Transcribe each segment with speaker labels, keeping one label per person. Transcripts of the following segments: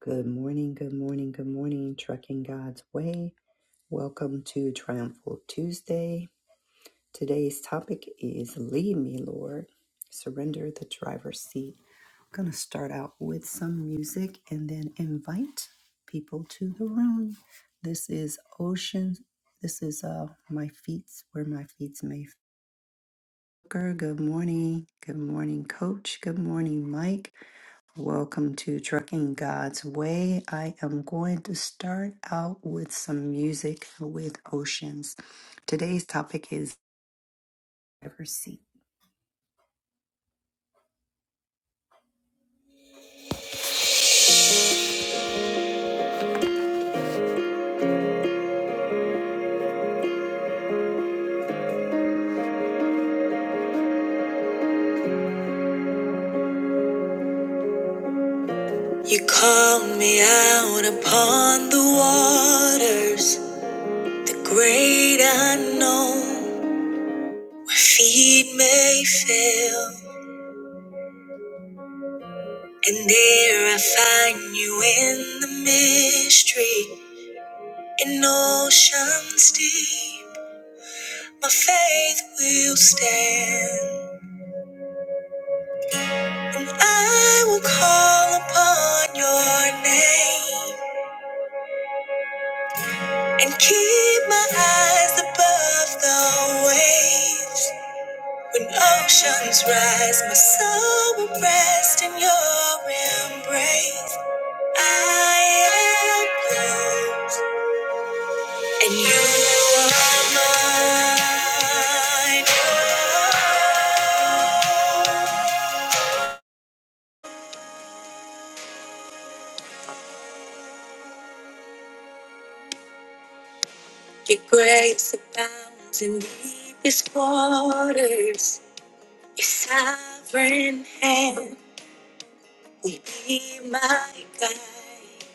Speaker 1: Good morning, good morning, good morning, Trucking God's Way. Welcome to Triumphal Tuesday. Today's topic is Lead Me, Lord. Surrender the driver's seat. I'm going to start out with some music and then invite people to the room. This is Ocean. This is uh, My Feet, Where My Feet May Booker. Good morning. Good morning, Coach. Good morning, Mike. Welcome to Trucking God's Way. I am going to start out with some music with oceans. Today's topic is Ever Sea. You call me out upon the waters, the great unknown, where feet may fail. And there I find you in the mystery, In oceans deep, my faith will stand. And I will call upon your name and keep my eyes above the waves. When oceans rise, my soul will rest in your embrace. I am yours. And you are mine. Oh, Your grace abounds in deepest waters. Your sovereign hand will be my guide.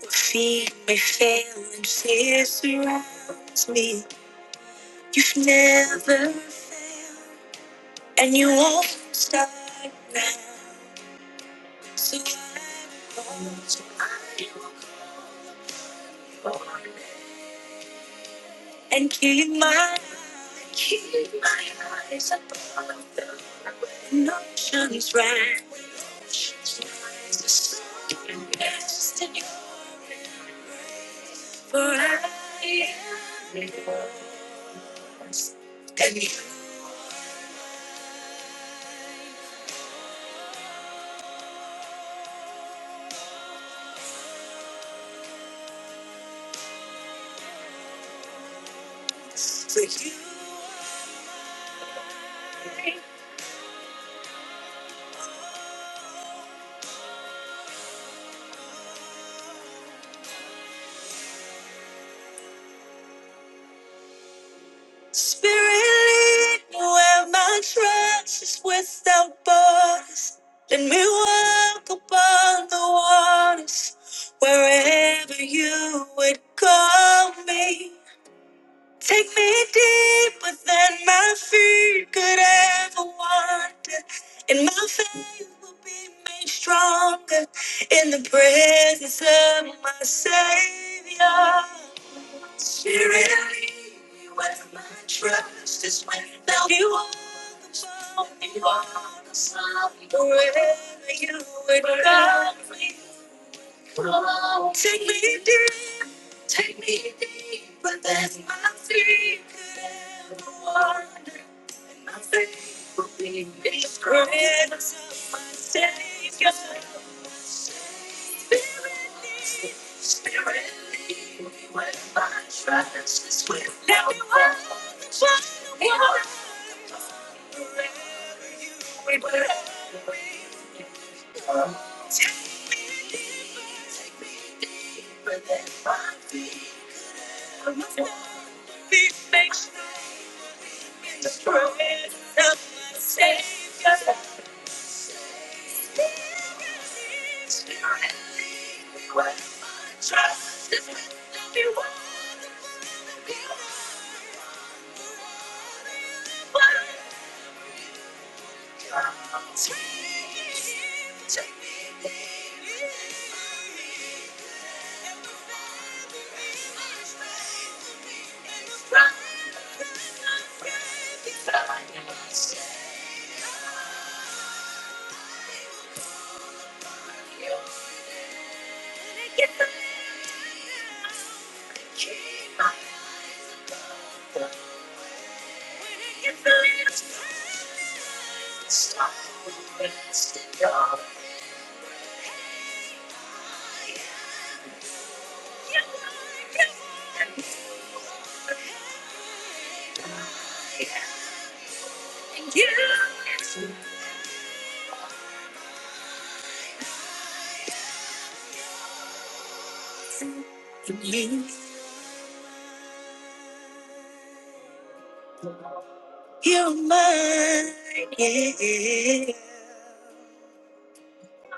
Speaker 1: Where feet may fail and fear surrounds me. You've never failed, and you won't start now. So I will call, so I will call upon you. and keep my keep my eyes above the when oceans rise. The sun can rest in your for I am yours, and you for you I Spirit, lead me where my trust is without borders. Let me walk upon the waters, wherever you would call me. Take me deeper than my feet could ever wander, and my faith will be made stronger in the presence of my Savior. Spirit of me, where my trust is when now you are the fountain, you are the sun, wherever you would guide me. Take me deep, take me deep, but that's my feet could ever walk. My faith will be in the presence of my Savior. Spirit, lead me when my trust is with Let me walk the trial of life. Wherever you will. Take me where that my will be fixed in the presence of my Savior. Spirit, Trust is when you want to be what take it, But it's free, take me from before I need to say. you. wanna Get the key, my love. Get the last, last, you. It's for me. You're mine, yeah.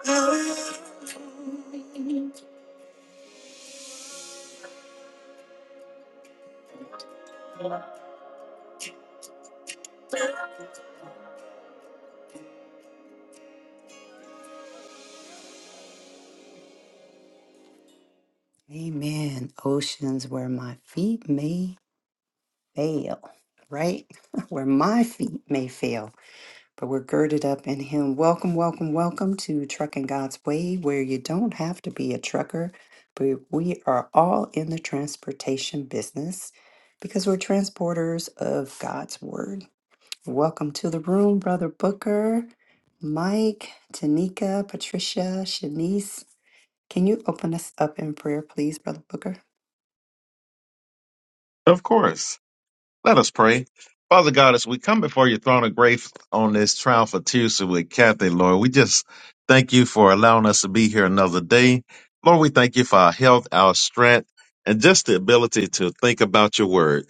Speaker 1: Oh. Amen. Oceans where my feet may fail, right? where my feet may fail, but we're girded up in Him. Welcome, welcome, welcome to Trucking God's Way, where you don't have to be a trucker, but we are all in the transportation business because we're transporters of God's Word Welcome to the room, Brother Booker, Mike, Tanika, Patricia, Shanice. Can you open us up in prayer, please, Brother Booker?
Speaker 2: Of course. Let us pray. Father God, as we come before your throne of grace on this trial for Tuesday with Kathy, Lord, we just thank you for allowing us to be here another day. Lord, we thank you for our health, our strength, and just the ability to think about your word.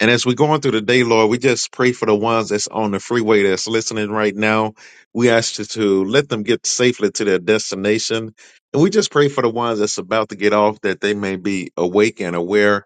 Speaker 2: And as we're going through the day, Lord, we just pray for the ones that's on the freeway that's listening right now. We ask you to let them get safely to their destination. And we just pray for the ones that's about to get off that they may be awake and aware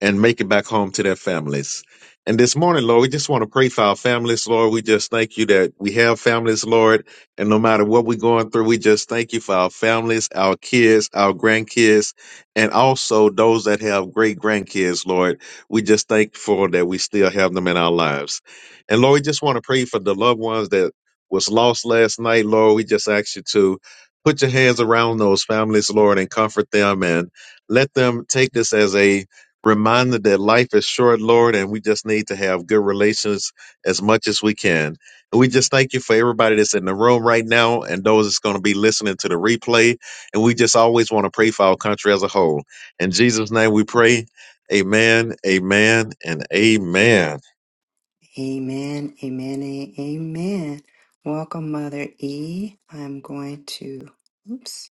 Speaker 2: and make it back home to their families. And this morning, Lord, we just want to pray for our families, Lord. We just thank you that we have families, Lord. And no matter what we're going through, we just thank you for our families, our kids, our grandkids, and also those that have great grandkids, Lord. We just thankful that we still have them in our lives. And Lord, we just want to pray for the loved ones that was lost last night, Lord. We just ask you to put your hands around those families, Lord, and comfort them and let them take this as a Reminded that life is short, Lord, and we just need to have good relations as much as we can. And we just thank you for everybody that's in the room right now and those that's going to be listening to the replay. And we just always want to pray for our country as a whole. In Jesus' name we pray. Amen, amen, and amen.
Speaker 1: Amen, amen, a- amen. Welcome, Mother E. I'm going to, oops,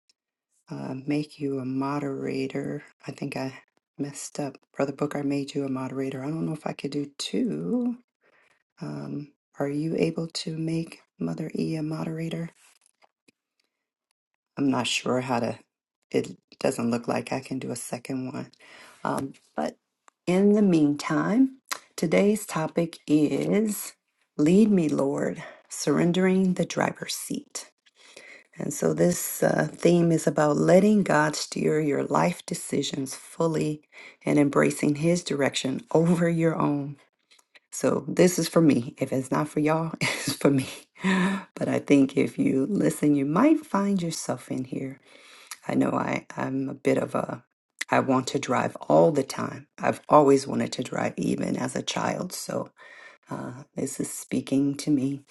Speaker 1: uh, make you a moderator. I think I messed up. Brother Booker, I made you a moderator. I don't know if I could do two. Um, are you able to make Mother E a moderator? I'm not sure how to, it doesn't look like I can do a second one. Um, but in the meantime, today's topic is Lead Me, Lord, Surrendering the Driver's Seat. And so this uh, theme is about letting God steer your life decisions fully and embracing His direction over your own. So this is for me. If it's not for y'all, it's for me. But I think if you listen, you might find yourself in here. I know I, I'm a bit of a, I want to drive all the time. I've always wanted to drive, even as a child. So uh, this is speaking to me.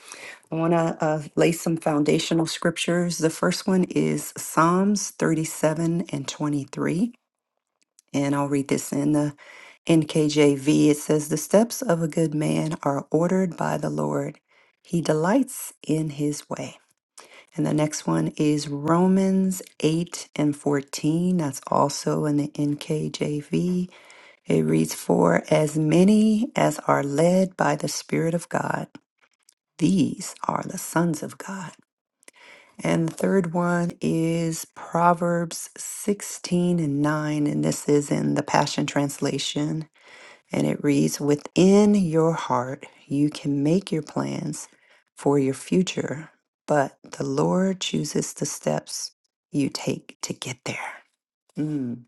Speaker 1: I want to uh, lay some foundational scriptures. The first one is Psalms 37 and 23. And I'll read this in the NKJV. It says, The steps of a good man are ordered by the Lord, he delights in his way. And the next one is Romans 8 and 14. That's also in the NKJV. It reads, For as many as are led by the Spirit of God, these are the sons of God. And the third one is Proverbs 16 and 9. And this is in the Passion Translation. And it reads Within your heart, you can make your plans for your future, but the Lord chooses the steps you take to get there. Mm,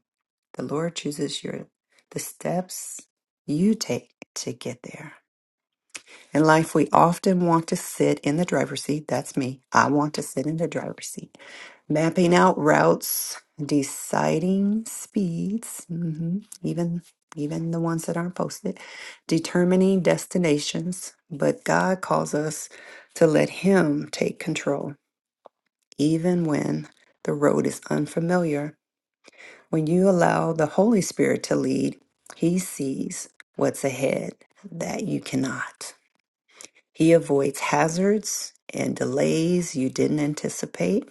Speaker 1: The Lord chooses your the steps you take to get there. In life, we often want to sit in the driver's seat. That's me. I want to sit in the driver's seat. Mapping out routes, deciding speeds, mhm, even even the ones that aren't posted, determining destinations. But God calls us to let Him take control, even when the road is unfamiliar. When you allow the Holy Spirit to lead, He sees what's ahead that you cannot. He avoids hazards and delays you didn't anticipate.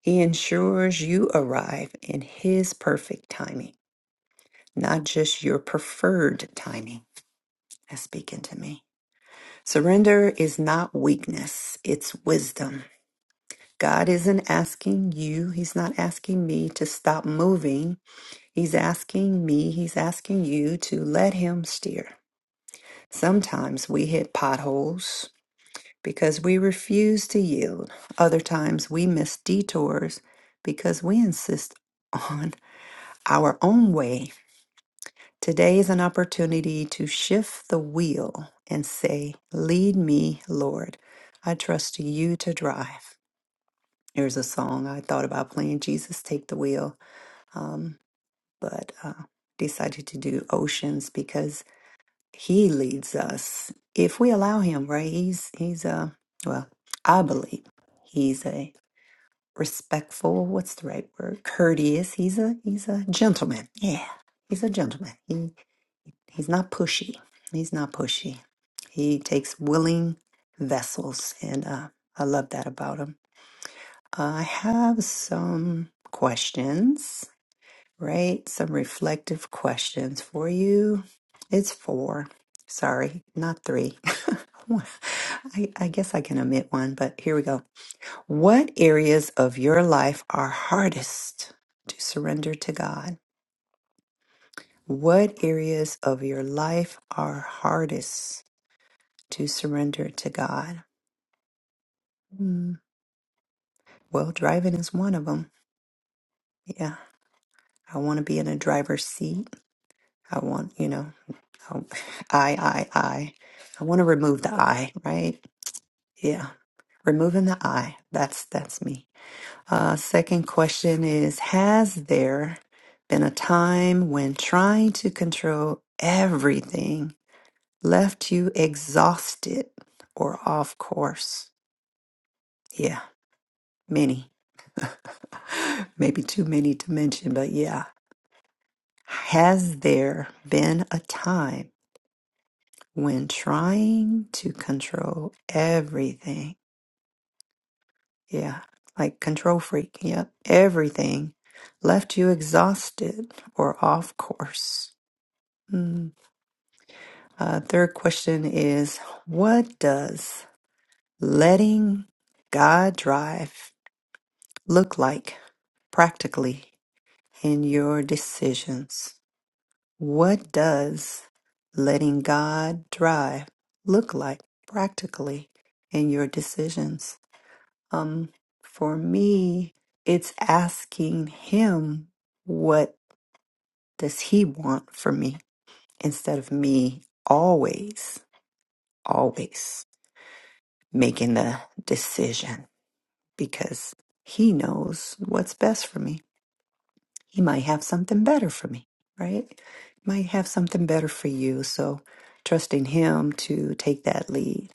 Speaker 1: He ensures you arrive in His perfect timing, not just your preferred timing. That's speaking to me. Surrender is not weakness, it's wisdom. God isn't asking you, He's not asking me to stop moving. He's asking me, He's asking you to let Him steer. Sometimes we hit potholes because we refuse to yield. Other times we miss detours because we insist on our own way. Today is an opportunity to shift the wheel and say, Lead me, Lord. I trust you to drive. There's a song I thought about playing Jesus Take the Wheel, um, but uh, decided to do Oceans because he leads us if we allow him, right? He's, he's, a well, I believe. He's a respectful. What's the right word? Courteous. He's a he's a gentleman. Yeah, he's a gentleman. He he's not pushy. He's not pushy. He takes willing vessels, and uh, I love that about him. Uh, I have some questions, right? Some reflective questions for you. It's four. Sorry, not three. I, I guess I can omit one, but here we go. What areas of your life are hardest to surrender to God? What areas of your life are hardest to surrender to God? Hmm. Well, driving is one of them. Yeah. I want to be in a driver's seat. I want, you know, I, I, I. I I want to remove the I, right? Yeah. Removing the I. That's, that's me. Uh, second question is Has there been a time when trying to control everything left you exhausted or off course? Yeah, many. Maybe too many to mention, but yeah. Has there been a time when trying to control everything? Yeah, like control freak. Yep, everything left you exhausted or off course. Mm. Uh, third question is What does letting God drive look like practically in your decisions? What does letting God drive look like practically in your decisions? Um, for me, it's asking Him what does He want for me instead of me always, always. making the decision because he knows what's best for me. He might have something better for me, right? He Might have something better for you. So trusting him to take that lead.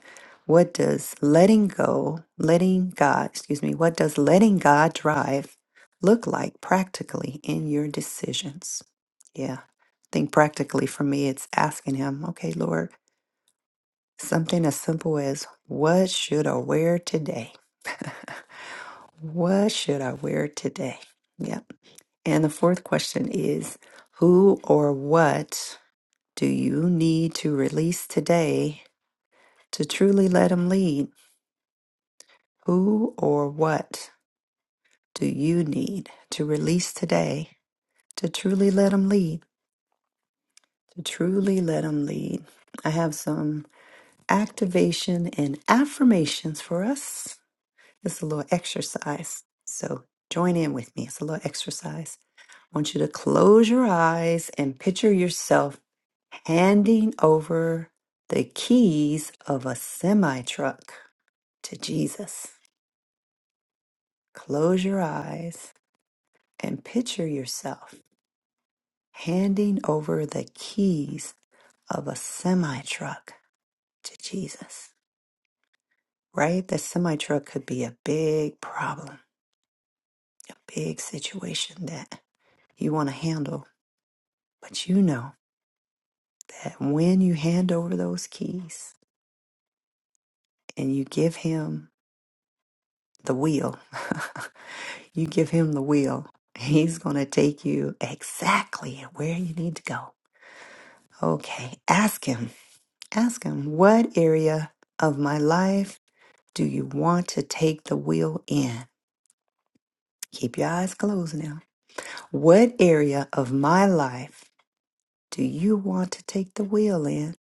Speaker 1: What does letting go, letting God, excuse me, what does letting God drive look like practically in your decisions? Yeah. I think practically for me, it's asking him, okay, Lord, something as simple as what should I wear today? What should I wear today? Yep. And the fourth question is Who or what do you need to release today to truly let them lead? Who or what do you need to release today to truly let them lead? To truly let them lead. I have some activation and affirmations for us. It's a little exercise. So join in with me. It's a little exercise. I want you to close your eyes and picture yourself handing over the keys of a semi truck to Jesus. Close your eyes and picture yourself handing over the keys of a semi truck to Jesus. Right? The semi truck could be a big problem, a big situation that you want to handle But you know that when you hand over those keys and you give him the wheel, you give him the wheel, he's going to take you exactly where you need to go. Okay, ask him. Ask him, what area of my life do you want to take the wheel in? Keep your eyes closed now. What area of my life do you want to take the wheel in?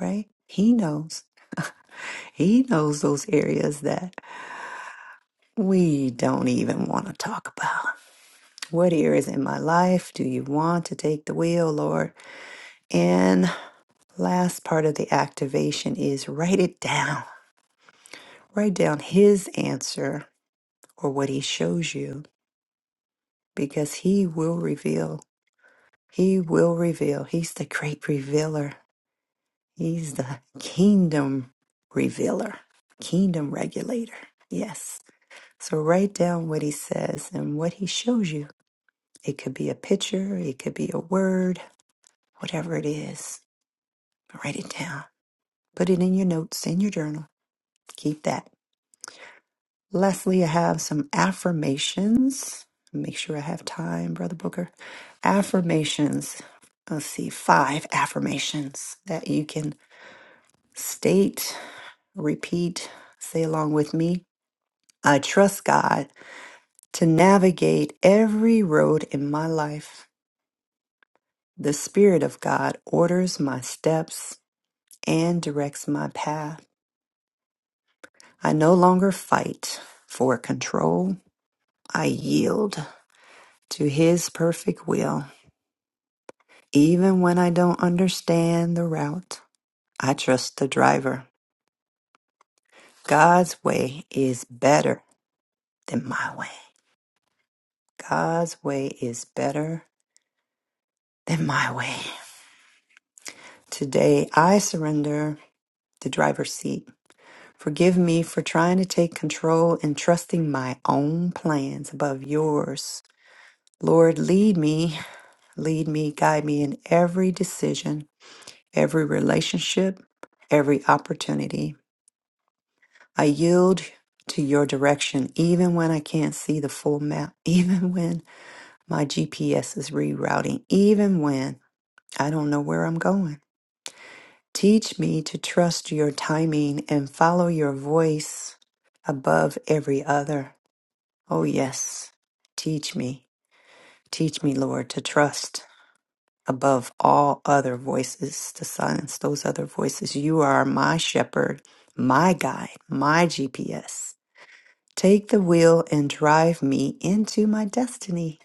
Speaker 1: Right? He knows. He knows those areas that we don't even want to talk about. What areas in my life do you want to take the wheel, Lord? And last part of the activation is write it down. Write down his answer or what he shows you because he will reveal. He will reveal. He's the great revealer. He's the kingdom revealer, kingdom regulator. Yes. So write down what he says and what he shows you It could be a picture, it could be a word, whatever it is. Write it down. Put it in your notes, in your journal. Keep that. Lastly, I have some affirmations. Make sure I have time, Brother Booker. Affirmations. Let's see, five affirmations that you can state, repeat, say along with me. I trust God to navigate every road in my life. The Spirit of God orders my steps. and directs my path. I no longer fight for control. I yield to His perfect will. Even when I don't understand the route, I trust the driver. God's way is better than my way. God's way is better than my way. Today, I surrender the driver's seat. Forgive me for trying to take control and trusting my own plans above yours. Lord, lead me Lead me, guide me in every decision, every relationship, every opportunity. I yield to your direction even when I can't see the full map, even when my GPS is rerouting, even when I don't know where I'm going. Teach me to trust your timing and follow your voice above every other. Oh, yes. Teach me. Teach me, Lord, to trust. above all other voices to silence those other voices. You are my shepherd, my guide, my GPS. Take the wheel and drive me into my destiny.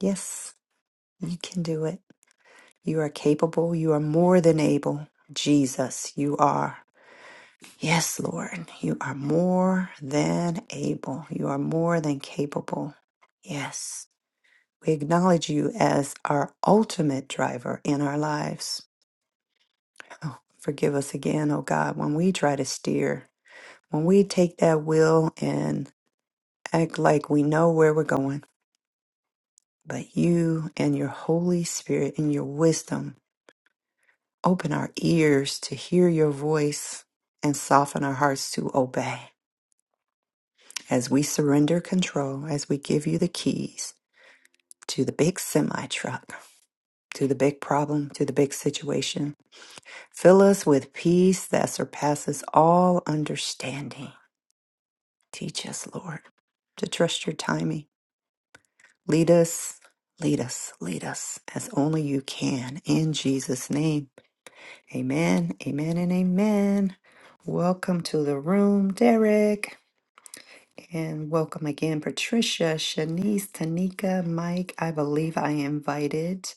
Speaker 1: Yes, you can do it. You are capable. You are more than able. Jesus, you are. Yes, Lord, you are more than able. You are more than capable. Yes, we acknowledge you as our ultimate driver in our lives. Oh, forgive us again, oh God, when we try to steer, when we take that wheel and act like we know where we're going. But you and your Holy Spirit and your wisdom open our ears to hear your voice and soften our hearts to obey. As we surrender control, as we give you the keys to the big semi truck, to the big problem, to the big situation, fill us with peace that surpasses all understanding Teach us, Lord, to trust your timing. Lead us, lead us, lead us as only you can. In Jesus' name, amen, amen, and amen. Welcome to the room, Derek. And welcome again, Patricia, Shanice, Tanika, Mike. I believe I invited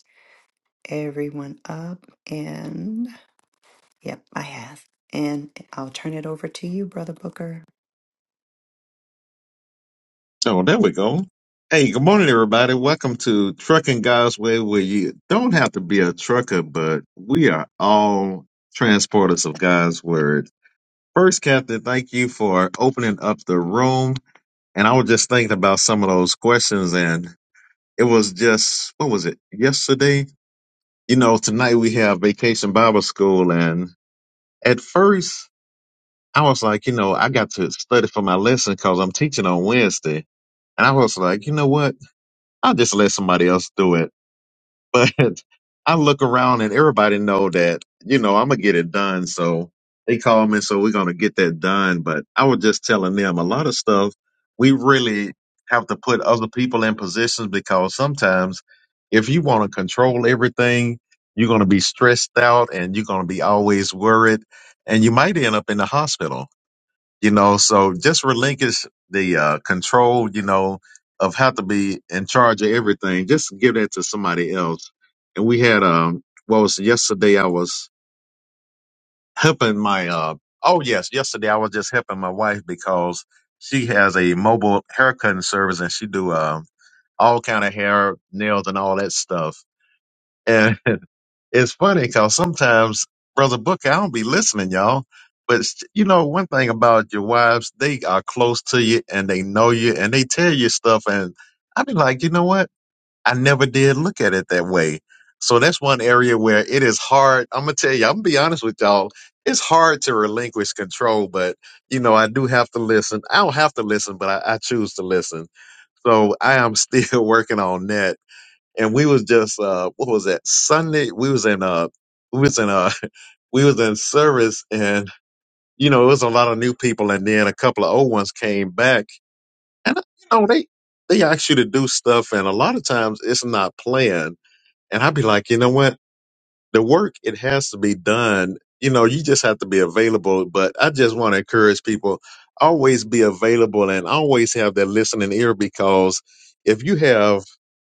Speaker 1: everyone up. And yep, I have. And I'll turn it over to you, Brother Booker.
Speaker 2: Oh, there we go. Hey, good morning, everybody. Welcome to Trucking God's Way, where you don't have to be a trucker, but we are all transporters of God's Word. First, Captain, thank you for opening up the room. And I was just thinking about some of those questions, and it was just, what was it, yesterday? You know, tonight we have Vacation Bible School. And at first, I was like, you know, I got to study for my lesson because I'm teaching on Wednesday. And I was like, you know what? I'll just let somebody else do it. but I look around and everybody know that you know I'm gonna get it done. So they call me, so we're gonna get that done. But I was just telling them a lot of stuff we really have to put other people in positions because sometimes if you want to control everything, you're gonna be stressed out and you're gonna be always worried, and you might end up in the hospital you know so just relinquish the uh control you know of how to be in charge of everything just give that to somebody else and we had um what was yesterday i was helping my uh oh yes yesterday i was just helping my wife because she has a mobile haircutting service and she do uh all kind of hair nails and all that stuff it's funny because sometimes, Brother Booker, I don't be listening, y'all. But s- you know, one thing about your wives, they are close to you and they know you and they tell you stuff. And I be like, you know what? I never did look at it that way. So that's one area where it is hard. I'm gonna tell you, I'm gonna be honest with y'all. It's hard to relinquish control, but you know, I do have to listen. I don't have to listen, but I, I choose to listen. So I am still working on that and we was just uh what was that sunday we was in uh we was in uh we was in service and you know it was a lot of new people and then a couple of old ones came back and uh, you know they they ask you to do stuff and a lot of times it's not planned and i'd be like you know what the work it has to be done you know you just have to be available but i just want to encourage people always be available and always have that listening ear because if you have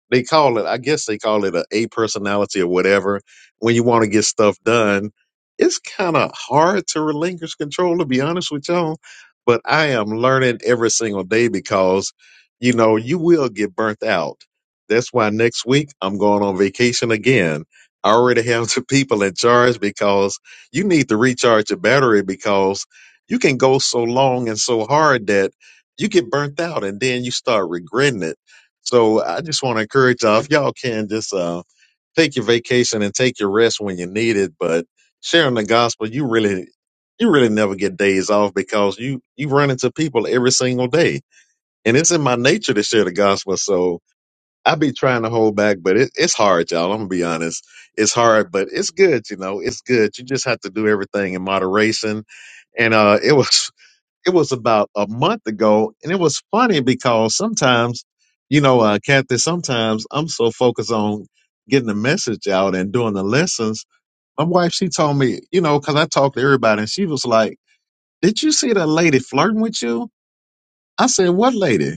Speaker 2: they call it i guess they call it a a personality or whatever when you want to get stuff done it's kind of hard to relinquish control to be honest with y'all but i am learning every single day because you know you will get burnt out that's why next week i'm going on vacation again I already have the people in charge because you need to recharge your battery because you can go so long and so hard that you get burnt out and then you start regretting it. So I just want to encourage y'all, if y'all can just uh, take your vacation and take your rest when you need it, but sharing the gospel, you really you really never get days off because you you run into people every single day. And it's in my nature to share the gospel. So I be trying to hold back, but it, it's hard, y'all. I'm gonna be honest. It's hard, but it's good. You know, it's good. You just have to do everything in moderation. And uh, it was it was about a month ago, and it was funny because sometimes, you know, uh, Kathy, sometimes I'm so focused on getting the message out and doing the lessons. My wife, she told me, you know, because I talked to everybody, and she was like, "Did you see that lady flirting with you?" I said, "What lady?"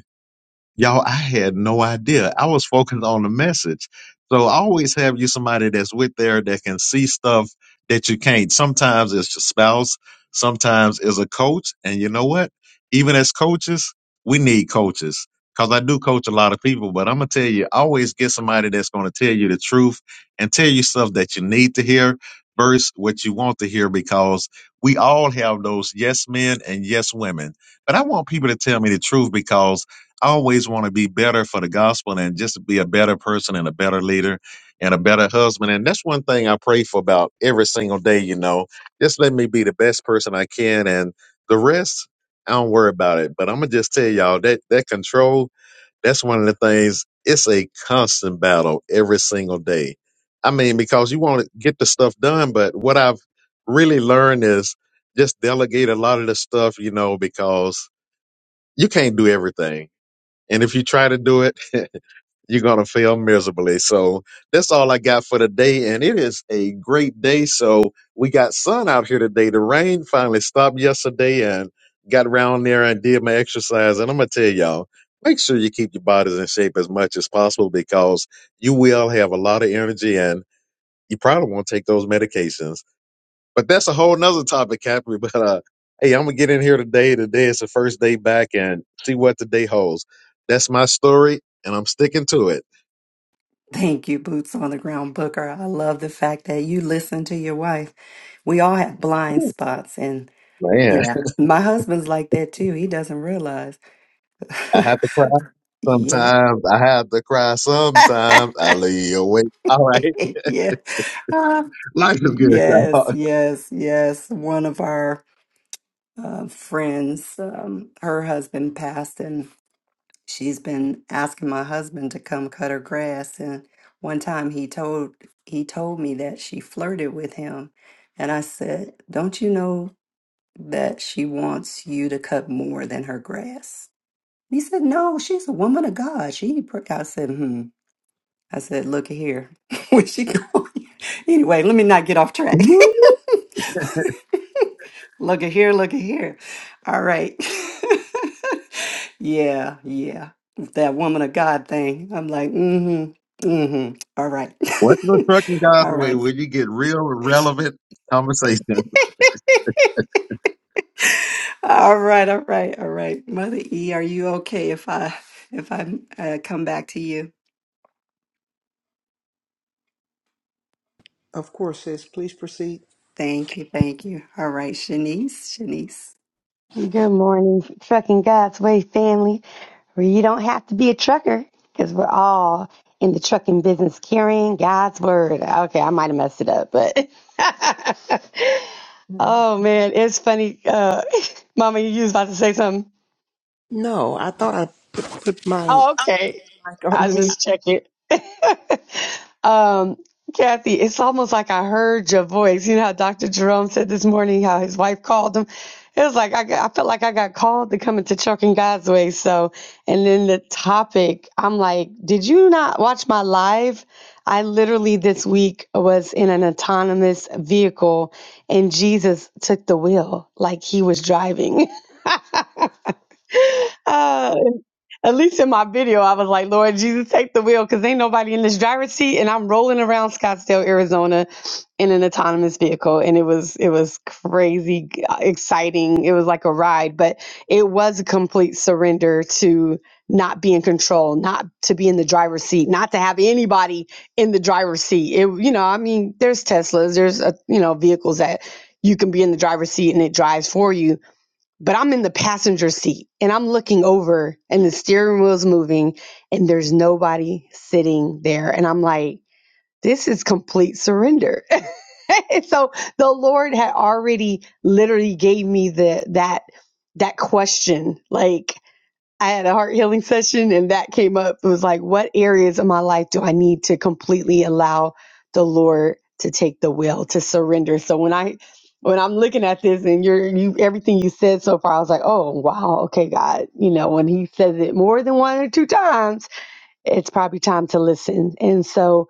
Speaker 2: Y'all, I had no idea. I was focused on the message. So I always have you somebody that's with there that can see stuff that you can't. Sometimes it's your spouse, sometimes it's a coach. And you know what? Even as coaches, we need coaches. Cause I do coach a lot of people, but I'm gonna tell you, always get somebody that's gonna tell you the truth and tell you stuff that you need to hear versus what you want to hear because we all have those yes men and yes women. But I want people to tell me the truth because I always want to be better for the gospel and just be a better person and a better leader and a better husband. And that's one thing I pray for about every single day, you know. Just let me be the best person I can and the rest, I don't worry about it. But I'm gonna just tell y'all that that control, that's one of the things, it's a constant battle every single day. I mean, because you want to get the stuff done, but what I've really learned is just delegate a lot of the stuff, you know, because you can't do everything and if you try to do it, you're going to fail miserably. So that's all I got for today. And it is a great day. So we got sun out here today. The rain finally stopped yesterday and got around there and did my exercise. And I'm going to tell y'all, make sure you keep your bodies in shape as much as possible because you will have a lot of energy and you probably won't take those medications. But that's a whole nother topic, Capri. But uh, hey, I'm gonna get in here today. Today is the first day back, and see what the day holds. That's my story, and I'm sticking to it.
Speaker 1: Thank you, Boots on the Ground Booker. I love the fact that you listen to your wife. We all have blind
Speaker 2: Ooh,
Speaker 1: spots, and
Speaker 2: Man,
Speaker 1: yeah, my husband's like that too. He doesn't realize.
Speaker 2: I have to cry
Speaker 1: yeah,
Speaker 2: sometimes. I have to cry sometimes. I lay awake. All right,
Speaker 1: yeah, Uh,
Speaker 2: life is good,
Speaker 1: yes,
Speaker 2: y'all.
Speaker 1: yes, yes. One of our uh, friends, um, her husband passed, and she's been asking my husband to come cut her grass and one time he told he told me that she flirted with him and i said don't you know that she wants you to cut more than her grass he said no she's a woman of god she pr-" i said "Hmm." I said, look at here. Where's she going? Anyway, let me not get off track. look at here, look at here. All right. yeah, yeah. That woman of God thing. I'm like, mm-hmm. Mm-hmm. All right.
Speaker 2: What's the trucking guys
Speaker 1: all
Speaker 2: way
Speaker 1: right.
Speaker 2: when you get real relevant conversation?
Speaker 1: All right. All right. All right. Mother E, are you okay if I if I uh, come back to you?
Speaker 3: Of course, sis. Please proceed.
Speaker 1: Thank you. Thank you. All right, Shanice. Shanice.
Speaker 4: Good morning, Trucking God's Way family, where you don't have to be a trucker because we're all in the trucking business carrying God's word. Okay, I might have messed it up, but
Speaker 3: Mhm.
Speaker 4: oh man, it's funny. Uh, Mama, you was about to say something.
Speaker 3: No, I thought I put, put mine
Speaker 4: Oh, okay.
Speaker 3: like,
Speaker 4: I
Speaker 3: on
Speaker 4: was
Speaker 3: mute.
Speaker 4: just checking. Um, Kathy, it's almost like I heard your voice. You know how Dr. Jerome said this morning how his wife called him. It was like I, got, I felt like I got called to come into Trucking God's Way. So, and then the topic, I'm like, did you not watch my live? I literally this week was in an autonomous vehicle, and Jesus took the wheel like he was driving. At least in my video, I was like, Lord Jesus, take the wheel because ain't nobody in this driver's seat. And I'm rolling around Scottsdale, Arizona in an autonomous vehicle. And it was, it was crazy g- uh, exciting. It was like a ride, but it was a complete surrender to not be in control, not to be in the driver's seat, not to have anybody in the driver's seat. It, you know, I mean, there's Teslas, there's, uh, you know, vehicles that you can be in the driver's seat and it drives for you but I'm in the passenger seat and I'm looking over and the steering wheel's moving and there's nobody sitting there. And I'm like, this is complete surrender. and so the Lord had already literally gave me the that that question. Like, I had a heart healing session and that came up. It was like, what areas of my life do I need to completely allow the Lord to take the will, to surrender? So when I when I'm looking at this and you're you everything you said so far, I was like, oh wow, okay, God. You know, when he says it more than one or two times, it's probably time to listen. And so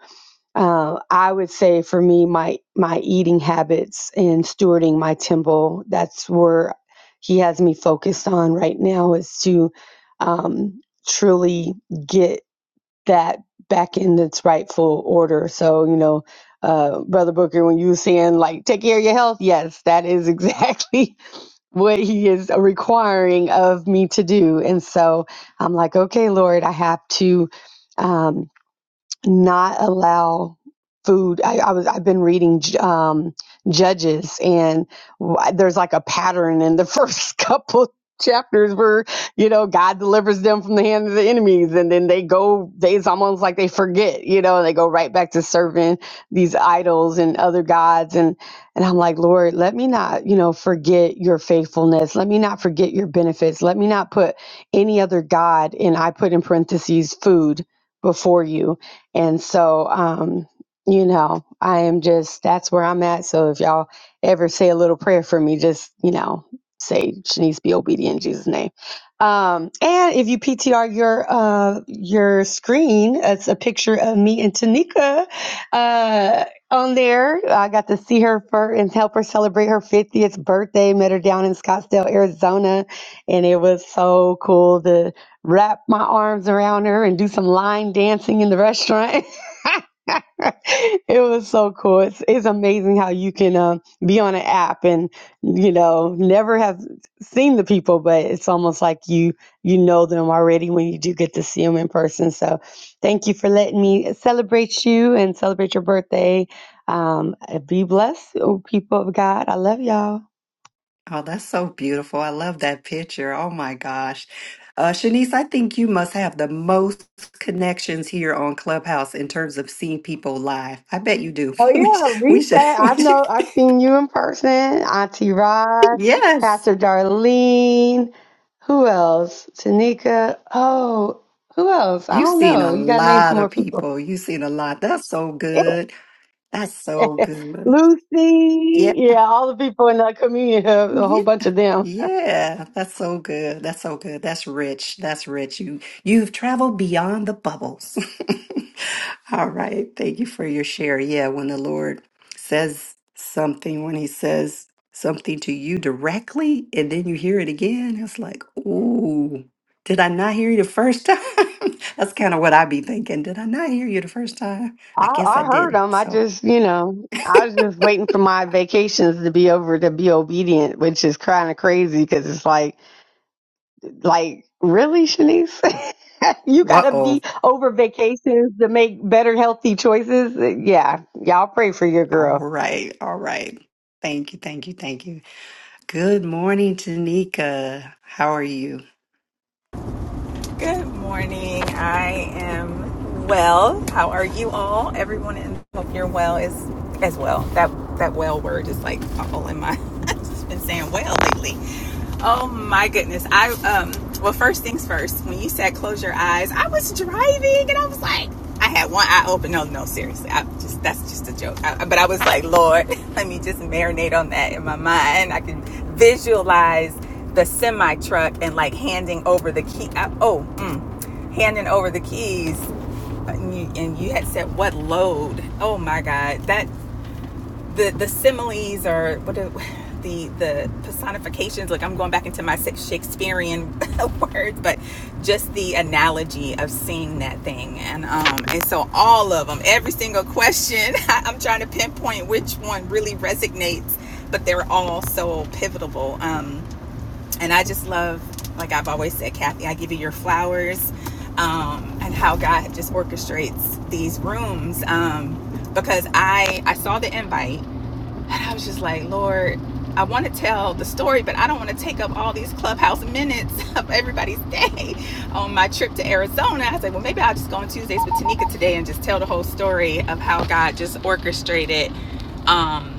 Speaker 4: uh, I would say for me, my my eating habits and stewarding my temple. That's where he has me focused on right now is to um, truly get that back in its rightful order. So you know, uh, brother Booker, when you were saying like take care of your health, yes, that is exactly what he is requiring of me to do. And so I'm like, okay, Lord, I have to. Um, not allow food. I, I was I've been reading um, Judges, and wh- there's like a pattern in the first couple chapters where you know God delivers them from the hand of the enemies, and then they go. They, it's almost like they forget, you know, and they go right back to serving these idols and other gods, and and I'm like, Lord, let me not, you know, forget your faithfulness. Let me not forget your benefits. Let me not put any other god, and I put in parentheses food before you and so, um, you know, I am just, that's where I'm at. So if y'all ever say a little prayer for me, just, you know, say Shanice be obedient in Jesus' name. Um, and if you PTR your uh your screen, it's a picture of me and Tanika uh on there. I got to see her for and help her celebrate her 50th birthday. Met her down in Scottsdale, Arizona, and it was so cool to wrap my arms around her and do some line dancing in the restaurant. it was so cool. It's, it's amazing how you can um, be on an app and you know never have seen the people, but it's almost like you you know them already when you do get to see them in person. So thank you for letting me celebrate you and celebrate your birthday. Um, be blessed, oh people of God. I love y'all.
Speaker 1: Oh, that's so beautiful. I love that picture. Oh my gosh. Uh, Shanice, I think you must have the most connections here on Clubhouse in terms of seeing people live. I bet you do.
Speaker 4: Oh
Speaker 1: we, sh-
Speaker 4: yeah,
Speaker 1: we should,
Speaker 4: reset. I
Speaker 1: we should.
Speaker 4: know. I've seen you in person, Auntie Rod,
Speaker 1: Yes.
Speaker 4: Pastor Darlene. Who else? Tanika. Oh, who else? I
Speaker 1: You've
Speaker 4: don't
Speaker 1: seen
Speaker 4: know.
Speaker 1: a
Speaker 4: You got to name
Speaker 1: lot
Speaker 4: some more
Speaker 1: of
Speaker 4: people.
Speaker 1: people. You've seen a lot. That's so
Speaker 4: Eh,
Speaker 1: good. That's so good. Yeah.
Speaker 4: Lucy. Yeah, all the people in the community, a a whole
Speaker 1: Yeah,
Speaker 4: bunch of them.
Speaker 1: yeah, that's so good. That's so good. That's rich. That's rich. You you've traveled beyond the bubbles. All right. Thank you for your share. Yeah, when the Lord says something, when he says something to you directly and then you hear it again, it's like, "Ooh, did I not hear you the first time?" That's kind of what i be thinking. Did I not hear you the first time?
Speaker 4: I,
Speaker 1: I guess I
Speaker 4: I heard
Speaker 1: didn't.
Speaker 4: them. I
Speaker 1: So,
Speaker 4: just, you know, I was just waiting for my vacations to be over to be obedient, which is kind of crazy because it's like Like, really, Shanice? you gotta
Speaker 1: uh-oh.
Speaker 4: be over vacations to make better healthy choices. Yeah. Y'all pray for your
Speaker 1: All
Speaker 4: girl.
Speaker 1: right. All right. Thank you. Thank you. Thank you. Good morning, Tanika. How are you?
Speaker 5: Good morning. I am well. How are you all? Everyone in hope you're well is as well. That that well word is like all in my I've just been saying well lately. Oh my goodness. I um well first things first, when you said close your eyes, I was driving and I was like, I had one eye open. No, no, seriously. I just that's just a joke. I, but I was like, Lord, let me just marinate on that in my mind. I can visualize the semi truck and like handing over the key. I, oh, mm, handing over the keys. And you, and you had said what load? Oh my God, that the the similes or what do, the the personifications like i'm going back into my shakespearean words but just the analogy of seeing that thing and um and so all of them every single question i'm trying to pinpoint which one really resonates but they're all so pivotal um and i just love like i've always said kathy i give you your flowers um and how god just orchestrates these rooms um because i i saw the invite and I was just like, Lord, I want to tell the story, but I don't want to take up all these clubhouse minutes of everybody's day on my trip to Arizona. I was like, well, maybe I'll just go on Tuesdays with Tanika today and just tell the whole story of how God just orchestrated um,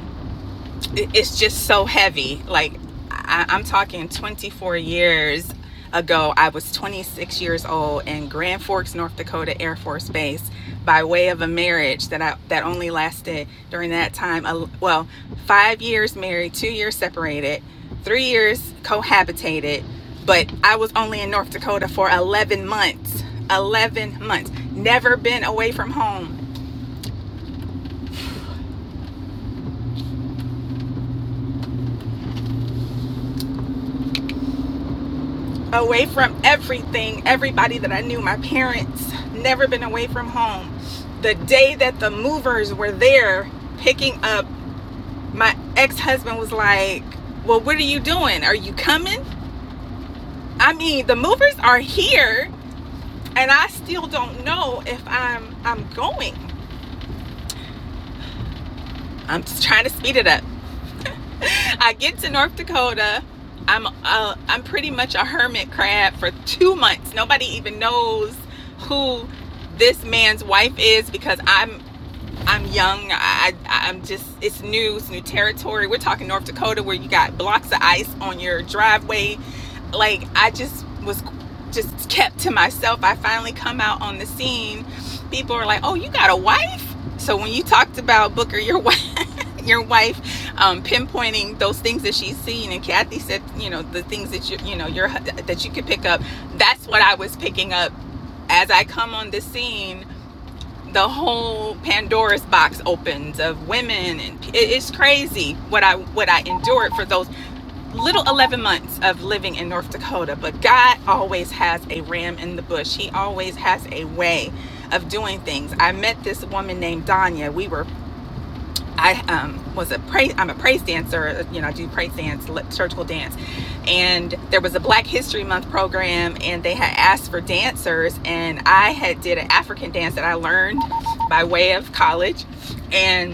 Speaker 5: it's just so heavy. Like I, I'm talking 24 years ago. I was 26 years old in Grand Forks, North Dakota Air Force Base, by way of a marriage that I that only lasted during that time. a- Well, five years married, two years separated, three years cohabitated, but I was only in North Dakota for 11 months. 11 months. Never been away from home away from everything, everybody that I knew, my parents, never been away from home. The day that the movers were there picking up, my ex husband was like, Well, what are you doing? Are you coming? I mean, the movers are here, and I still don't know if I'm I'm going. I'm just trying to speed it up. I get to North Dakota. I'm uh, I'm pretty much a hermit crab for two months. Nobody even knows who this man's wife is because I'm I'm young. I I'm just it's new, it's new territory. We're talking North Dakota where you got blocks of ice on your driveway. Like I just was just kept to myself. I finally come out on the scene. People are like, "Oh, you got a wife?" So when you talked about Booker, your wife your wife um, pinpointing those things that she's seen and kathy said you know the things that you you know your that you could pick up that's what i was picking up as i come on the scene the whole pandora's box opens of women and it's crazy what i what i endured for those little 11 months of living in north dakota but god always has a ram in the bush he always has a way of doing things i met this woman named danya we were I um, was a praise. I'm a praise dancer. You know, I do praise dance, li- liturgical dance, and there was a Black History Month program, and they had asked for dancers, and I had did an African dance that I learned by way of college, and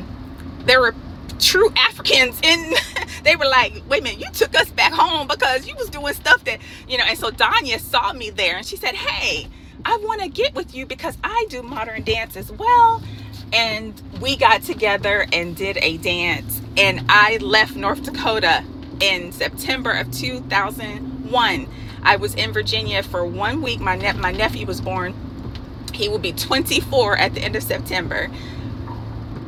Speaker 5: there were true Africans in they were like, wait a minute, you took us back home because you was doing stuff that, you know, and so Danya saw me there and she said, Hey, I wanna get with you because I do modern dance as well. And we got together and did a dance and I left North Dakota in September of 2001. I was in Virginia for one week. My ne- my nephew was born. He will be 24 at the end of September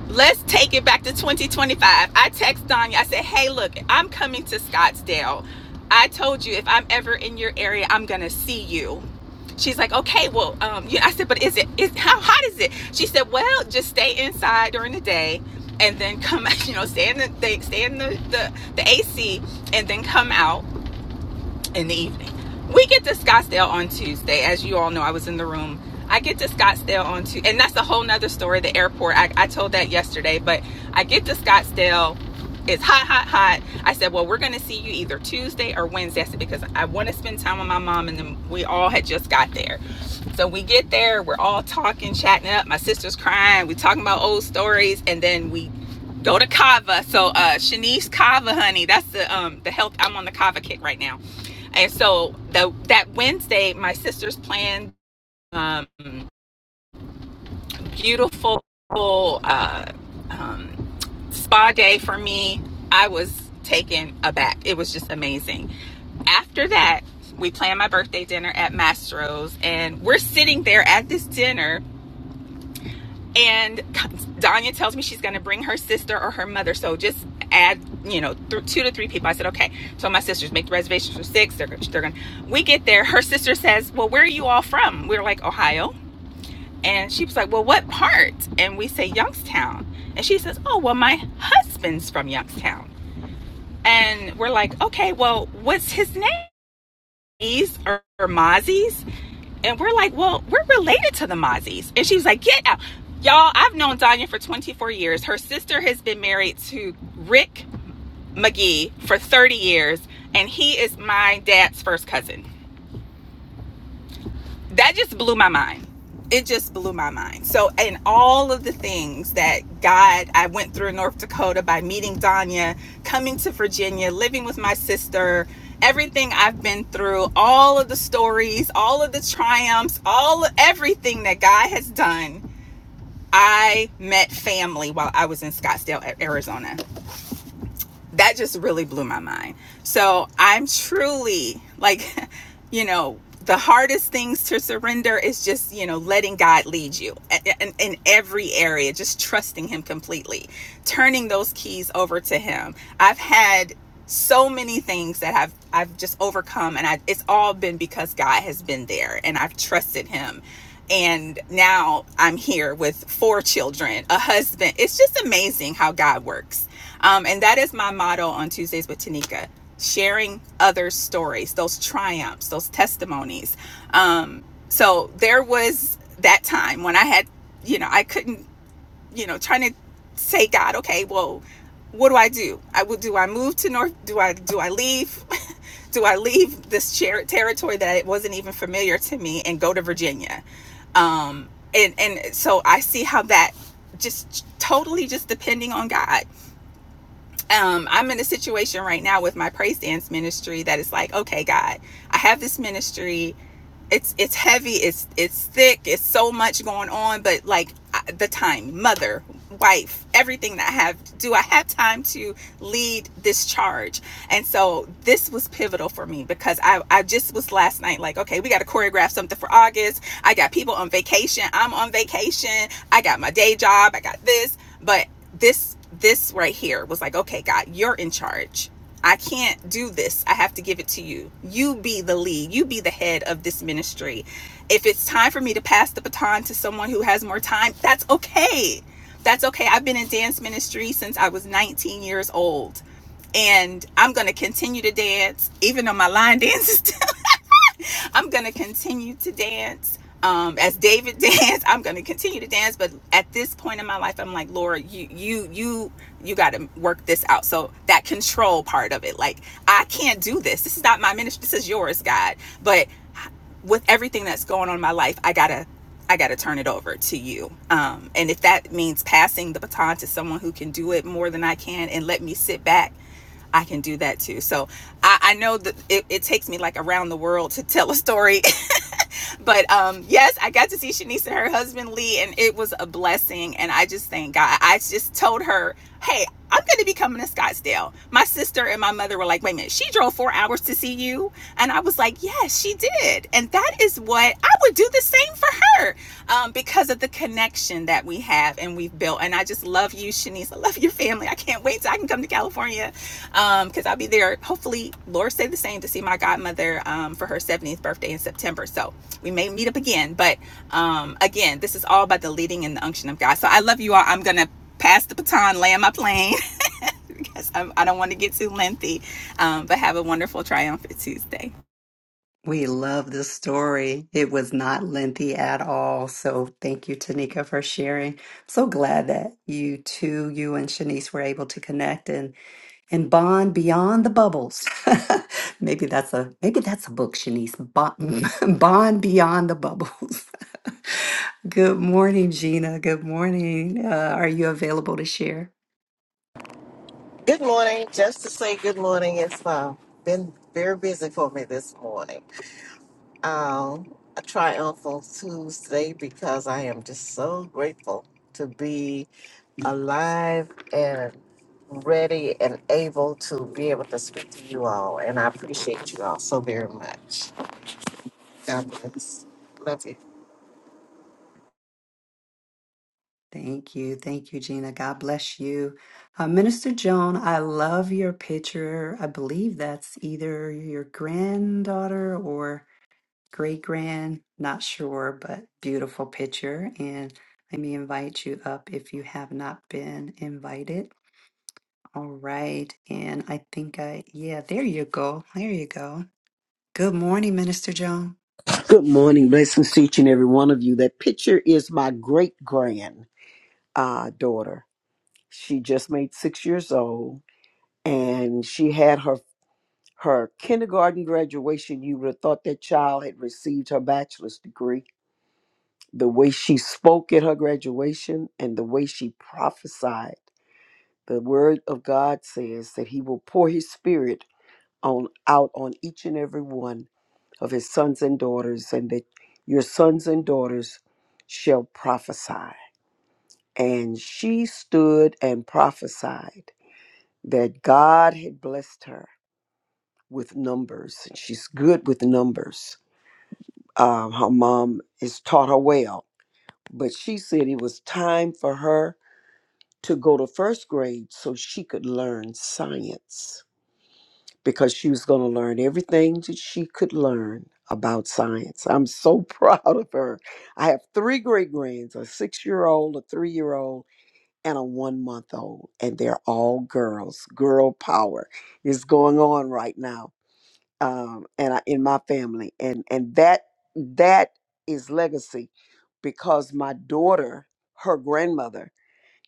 Speaker 5: let's take it back to 2025. I text Danya. I said, hey, look, I'm coming to Scottsdale. I told you if I'm ever in your area, I'm gonna see you. She's like, okay, well, um, yeah. I said, but is it is how hot is it? She said, well, just stay inside during the day, and then come, you know, stay in the stay in the, the the AC, and then come out in the evening. We get to Scottsdale on Tuesday. As you all know, I was in the room. I get to Scottsdale on Tuesday, and that's a whole nother story. The airport, I, I told that yesterday, but I get to Scottsdale. It's hot, hot, hot. I said, Well, we're going to see you either Tuesday or Wednesday. I said, Because I want to spend time with my mom, and then we all had just got there. So we get there, we're all talking, chatting up. My sister's crying. we are talking about old stories, and then we go to Kava. So uh Shanice Kava, honey, that's the um the health. I'm on the Kava kick right now. And so the that Wednesday, my sisters planned um, beautiful uh, um, spa day for me. I was taken aback. It was just amazing. After that, we planned my birthday dinner at Mastro's, and we're sitting there at this dinner and Danya tells me she's going to bring her sister or her mother. So just add, you know, th- two to three people. I said, okay. So my sisters make the reservations for six. They're, they're going. to We get there. Her sister says, well, where are you all from? We are like Ohio, and she was like, well, what part? And we say Youngstown, and she says, oh, well, my husband's from Youngstown, and we're like, okay, well, what's his name? Ma's Or, or Mozzie's? And we're like, well, we're related to the Mozzies. And she was like, get out. Y'all, I've known Danya for 24 years. Her sister has been married to Rick McGee for 30 years, and he is my dad's first cousin that just blew my mind. It just blew my mind. So, and all of the things that God, I went through in North Dakota by meeting Danya, coming to Virginia, living with my sister, everything I've been through, all of the stories, all of the triumphs, all everything that God has done. I met family while I was in Scottsdale, Arizona that just really blew my mind. So I'm truly like, you know, the hardest things to surrender is just, you know, letting God lead you in, in every area, just trusting Him completely, turning those keys over to Him. I've had so many things that I've I've just overcome and I it's all been because God has been there and I've trusted him. And now I'm here with four children, a husband. It's just amazing how God works um, and that is my motto on Tuesdays with Tanika sharing other stories, those triumphs, those testimonies. Um, so there was that time when I had, you know, I couldn't, you know, trying to say, God, okay, well, what do I do? I would do I move to North? Do I do I leave? do I leave this chair, territory that it wasn't even familiar to me and go to Virginia? Um, and and so I see how that just totally just depending on God um, I'm in a situation right now with my praise dance ministry that is like, okay, God, I have this ministry it's it's heavy it's it's thick it's so much going on but like the time mother wife everything that i have do i have time to lead this charge and so this was pivotal for me because i i just was last night like okay we got to choreograph something for august i got people on vacation i'm on vacation i got my day job i got this but this this right here was like okay god you're in charge I can't do this. I have to give it to you. You be the lead. You be the head of this ministry. If it's time for me to pass the baton to someone who has more time, that's okay. That's okay. I've been in dance ministry since I was 19 years old. And I'm going to continue to dance, even though my line dance is I'm gonna continue to dance. Um, as David danced, I'm gonna continue to dance. But at this point in my life, I'm like, Lord, you you you you gotta work this out. So that control part of it, like I can't do this. This is not my ministry, this is yours, God. But with everything that's going on in my life, I gotta I gotta turn it over to you. Um, and if that means passing the baton to someone who can do it more than I can and let me sit back, I can do that too. So I, I know that it, it takes me like around the world to tell a story But um, yes, I got to see Shanice and her husband Lee, and it was a blessing. And I just thank God. I just told her, hey, I'm going to be coming to Scottsdale. My sister and my mother were like, wait a minute, she drove four hours to see you. And I was like, yes, she did. And that is what I would do the same for her um, because of the connection that we have and we've built. And I just love you, Shanice. I love your family. I can't wait till I can come to California because um, I'll be there. Hopefully, Lord say the same to see my godmother um, for her 70th birthday in September. So we may meet up again. But um, again, this is all about the leading and the unction of God. So I love you all. I'm gonna pass the baton, land my plane. because I'm, I don't want to get too lengthy. Um, but have a wonderful, triumphant Tuesday.
Speaker 1: We love this story. It was not lengthy at all. So thank you, Tanika, for sharing. So glad that you two, you and Shanice, were able to connect and and bond beyond the bubbles. maybe that's a maybe that's a book, Shanice. Bond, bond beyond the bubbles. Good morning, Gina. Good morning. Uh, are you available to share?
Speaker 6: Good morning. Just to say good morning, it's uh, been very busy for me this morning. Um, a triumphal Tuesday because I am just so grateful to be alive and ready and able to be able to speak to you all. And I appreciate you all so very much. God bless. Love you.
Speaker 1: Thank you. Thank you, Gina. God bless you. Uh, Minister Joan, I love your picture. I believe that's either your granddaughter or great grand, not sure, but beautiful picture. And let me invite you up if you have not been invited. All right. And I think I, yeah, there you go. There you go. Good morning, Minister Joan.
Speaker 7: Good morning. Blessings to each and every one of you. That picture is my great grand uh, daughter. She just made six years old, and she had her her kindergarten graduation. You would have thought that child had received her bachelor's degree. The way she spoke at her graduation and the way she prophesied, the word of God says that He will pour His Spirit on out on each and every one of his sons and daughters, and that your sons and daughters shall prophesy. And she stood and prophesied that God had blessed her with numbers. and She's good with numbers. Um, her mom has taught her well, but she said it was time for her to go to first grade so she could learn science. because she was going to learn everything that she could learn about science. I'm so proud of her. I have three great grands a six year old, a three year old, and a one month old, and they're all girls. Girl power is going on right now um, and I, in my family. And, and that that is legacy because my daughter, her grandmother,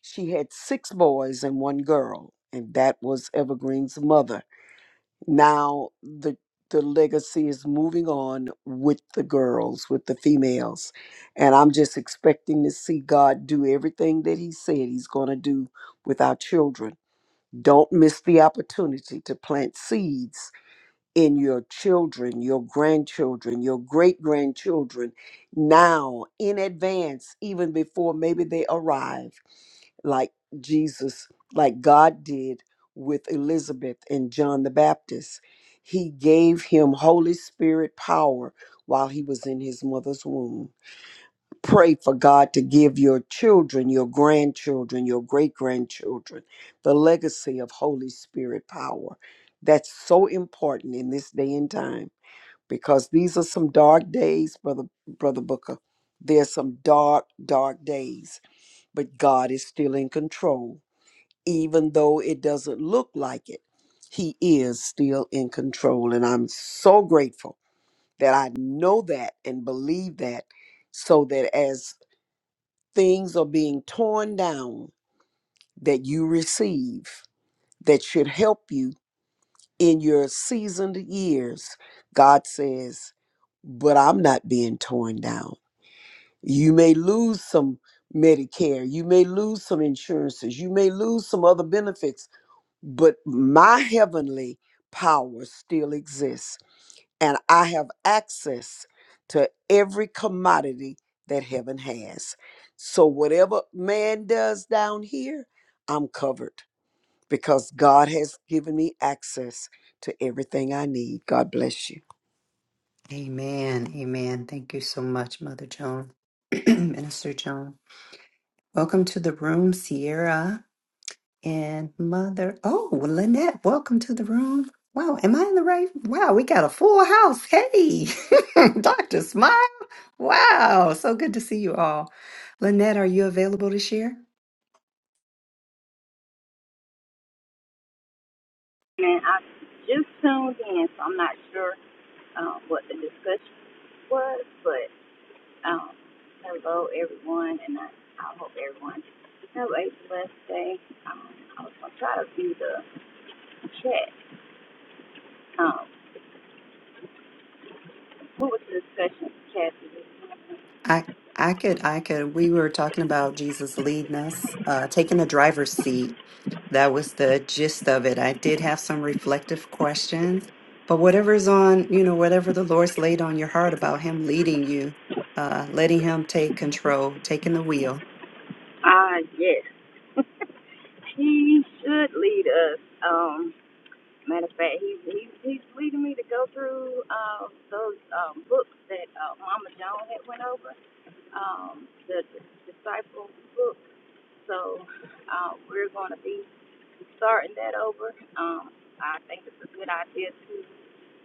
Speaker 7: she had six boys and one girl, and that was Evergreen's mother now the the legacy is moving on with the girls with the females and i'm just expecting to see god do everything that he said he's going to do with our children don't miss the opportunity to plant seeds in your children your grandchildren your great grandchildren now in advance even before maybe they arrive like Jesus, like God did with Elizabeth and John the Baptist. He gave him Holy Spirit power while he was in his mother's womb. Pray for God to give your children, your grandchildren, your great grandchildren, the legacy of Holy Spirit power. That's so important in this day and time because these are some dark days, brother, brother Booker. There's some dark, dark days, but God is still in control even though it doesn't look like it, he is still in control. And I'm so grateful that I know that and believe that so that as things are being torn down that you receive that should help you in your seasoned years, God says, but I'm not being torn down. You may lose some Medicare, you may lose some insurances, you may lose some other benefits but my heavenly power still exists and i have access to every commodity that heaven has so whatever man does down here i'm covered because god has given me access to everything i need god bless you
Speaker 1: Amen. Amen. Thank you so much, Mother Joan, Minister Joan. Welcome to the room, Sierra and Mother. Oh, Lynette, welcome to the room. Wow, am I in the right? Wow, we got a full house. Hey, Dr. Smile. Wow, so good to see you all. Lynette, are you available to share?
Speaker 8: And I just tuned in, so I'm not sure um, what the discussion was, but um, hello, everyone, and I, I hope everyone have a blessed day. Um, I was going to try to view the chat. Um, what was the discussion, Kathy?
Speaker 1: I I could I could we were talking about Jesus leading us, uh taking the driver's seat. That was the gist of it. I did have some reflective questions, but whatever's on, you know, whatever the Lord's laid on your heart about him leading you, uh letting him take control, taking the wheel.
Speaker 8: Ah, yes. He should lead us. Um, matter of fact, he's, he's, he's leading me to go through uh, those um, books that uh, Mama Joan had went over, um, the, the Disciple book So uh, we're going to be starting that over. Um, I think it's a good idea to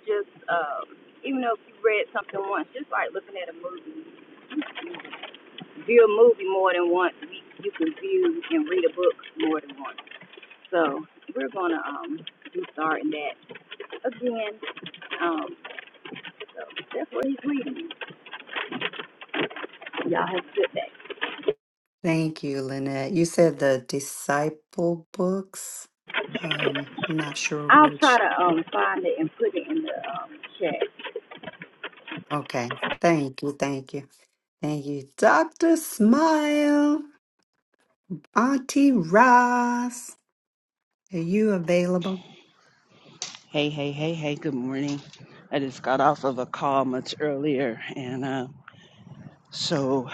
Speaker 8: just, um, even though if you read something once, just like looking at a movie, view a movie more than once. You, can view and read a book more than once. So we're going to um, be starting that again. Um, so that's what he's reading. Y'all have a good day.
Speaker 1: Thank you, Lynette. You said the disciple books. Um, I'm not sure
Speaker 8: I'll try
Speaker 1: which.
Speaker 8: to um, find it and put it in the um, chat.
Speaker 1: Okay. Thank you. Thank you. Thank you. Dr. Smile, Auntie Ross, are you available?
Speaker 9: Hey, hey, hey, hey, good morning. I just got off of a call much earlier, and uh, so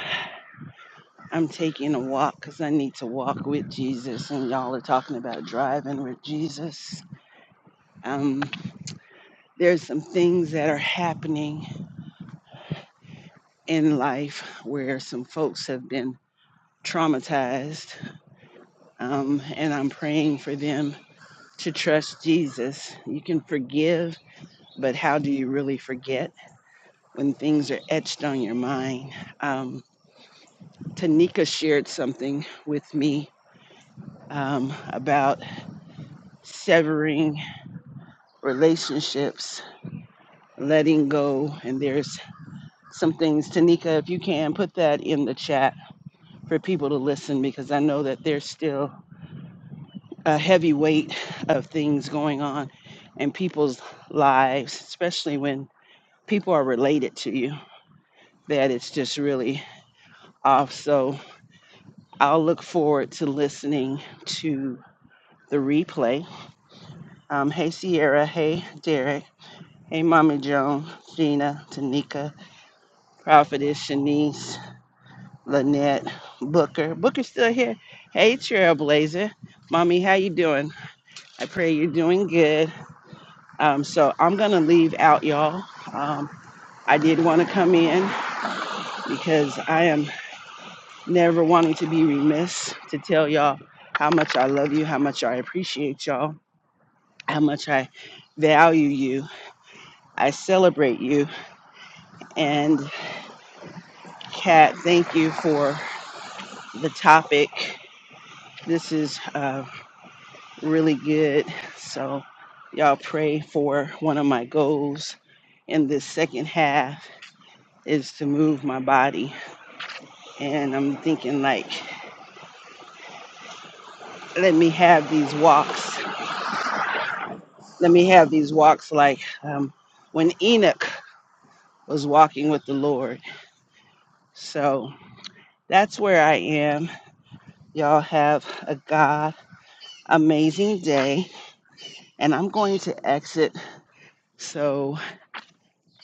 Speaker 9: I'm taking a walk because I need to walk with Jesus, and y'all are talking about driving with Jesus. Um, there's some things that are happening in life where some folks have been traumatized, um, and I'm praying for them to trust Jesus. You can forgive, but how do you really forget when things are etched on your mind? Um, Tanika shared something with me um, about severing relationships, letting go. And there's some things, Tanika, if you can put that in the chat for people to listen, because I know that there's still a heavy weight of things going on in people's lives, especially when people are related to you, that it's just really off. So I'll look forward to listening to the replay Um, hey Sierra, hey Derek, hey Mommy Joan, Gina, Tanika, Prophetess, Shanice, Lynette, Booker. Booker's still here. Hey Trailblazer, Mommy, how you doing? I pray you're doing good. Um, so I'm gonna leave out y'all. Um, I did want to come in because I am never wanting to be remiss to tell y'all how much I love you, how much I appreciate y'all, how much I value you. I celebrate you and Kat, thank you for the topic. This is uh, really good. So, y'all pray for one of my goals in this second half is to move my body. And I'm thinking, like, let me have these walks. Let me have these walks like um, when Enoch was walking with the Lord. So, that's where I am. Y'all have a God amazing day. And I'm going to exit. So,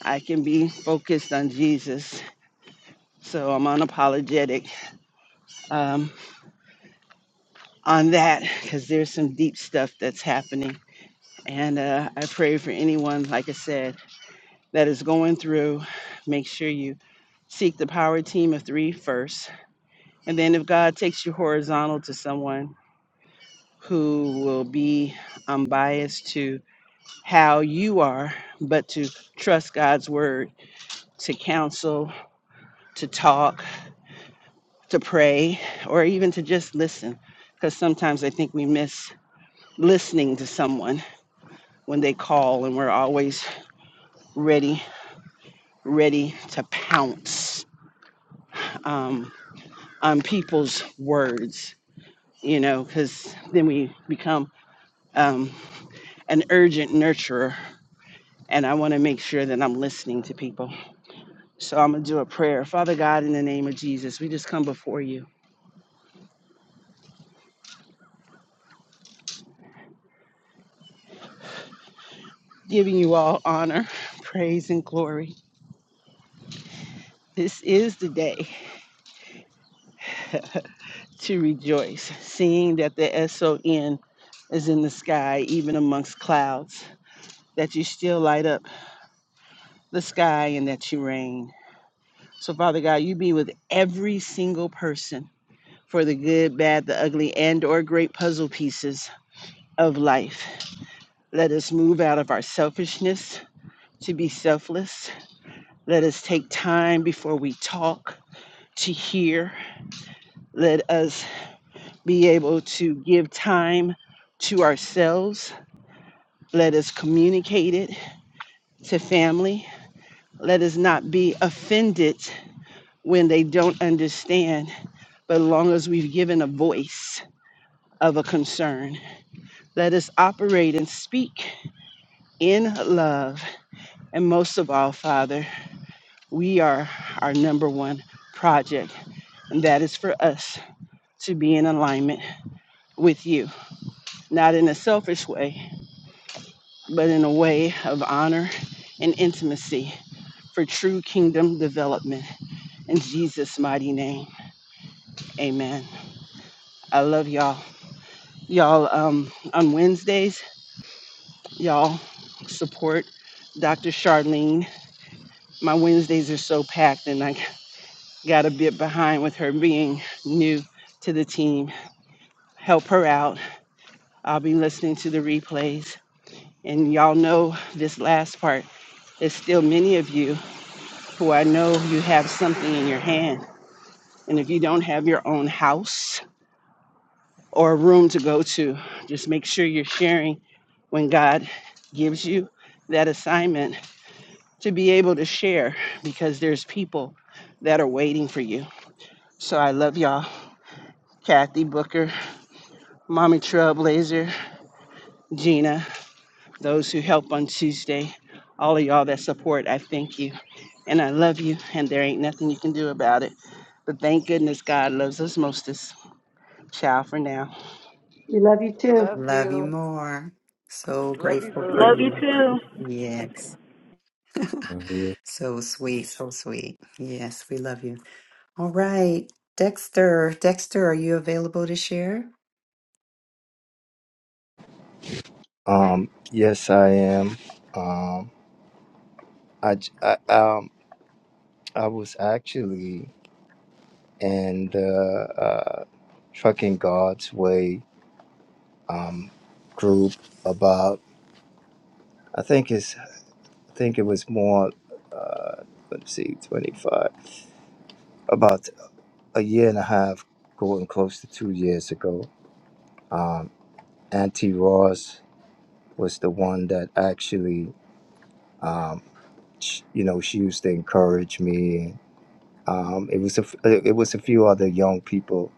Speaker 9: I can be focused on Jesus. So I'm unapologetic um, on that because there's some deep stuff that's happening. And uh, I pray for anyone, like I said, that is going through. Make sure you seek the power team of three first. And then if God takes you horizontal to someone who will be unbiased to how you are, but to trust God's word to counsel, to talk, to pray or even to just listen because sometimes I think we miss listening to someone when they call and we're always ready, ready to pounce um, on people's words, you know, because then we become um, an urgent nurturer. And I want to make sure that I'm listening to people. So I'm going to do a prayer. Father God, in the name of Jesus, we just come before you, giving you all honor, praise, and glory. This is the day. to rejoice, seeing that the S O N is in the sky, even amongst clouds, that you still light up the sky and that you reign. So, Father God, you be with every single person for the good, bad, the ugly, and or great puzzle pieces of life. Let us move out of our selfishness to be selfless. Let us take time before we talk to hear. Let us be able to give time to ourselves Let us communicate it to family. Let us not be offended when they don't understand, but as long as we've given a voice of a concern, let us operate and speak in love. And most of all, Father, we are our number one project, and that is for us to be in alignment with you, not in a selfish way, but in a way of honor and intimacy for true kingdom development. In Jesus' mighty name, amen. I love y'all. Y'all, um, on Wednesdays, y'all support Dr. Charlene. My Wednesdays are so packed, and I got a bit behind with her being new to the team. Help her out. I'll be listening to the replays. And y'all know this last part. There's still many of you who I know you have something in your hand. And if you don't have your own house, or a room to go to. Just make sure you're sharing when God gives you that assignment to be able to share because there's people that are waiting for you. So I love y'all. Kathy Booker, Mommy Trailblazer, Gina, those who help on Tuesday, all of y'all that support, I thank you. And I love you, and there ain't nothing you can do about it. But thank goodness God loves us mostest. Ciao for now.
Speaker 4: We love you too.
Speaker 6: Love
Speaker 1: Love you
Speaker 6: you.
Speaker 1: more. So
Speaker 6: Love you,
Speaker 1: grateful
Speaker 6: boo.
Speaker 1: for
Speaker 8: Love you
Speaker 1: you.
Speaker 8: too.
Speaker 1: Yes.
Speaker 10: Mm-hmm.
Speaker 1: so sweet. So sweet. Yes, we love you. All right. Dexter, Dexter, are you available to share?
Speaker 10: Um, yes, I am. Um, I, j- I- um, I was actually in the uh, Trucking God's Way um, group about, I think it's, I think it was more, uh, let's see, 25, about a year and a half, going close to two years ago. Um, Auntie Ross was the one that actually, um, sh you know, she used to encourage me Um, it was a f- uh, it was a few other young people,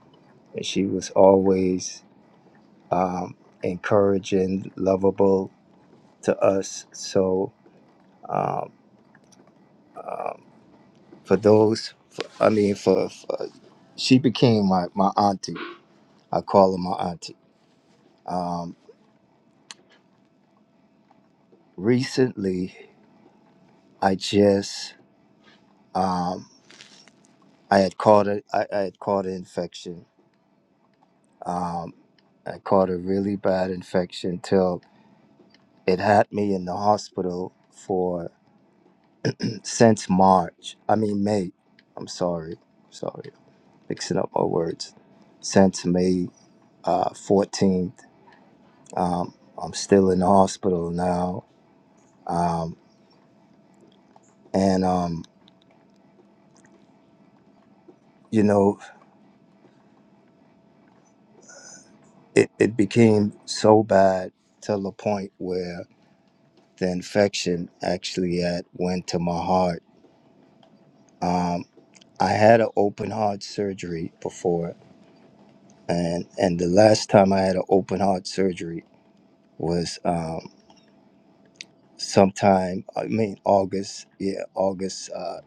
Speaker 10: and she was always um, encouraging, lovable to us. So um, um, for those, I mean, for, for she became my my auntie. I call her my auntie. Um, recently, I just um, I had caught a, I, I had caught an infection. Um, I caught a really bad infection till it had me in the hospital for since March. I mean May. I'm sorry, sorry, mixing up my words. Since May uh, fourteenth, um, I'm still in the hospital now, um, and um, you know it, it became so bad to the point where the infection actually had went to my heart. Um, I had an open heart surgery before, and and the last time I had an open heart surgery was um, sometime i mean august yeah august uh,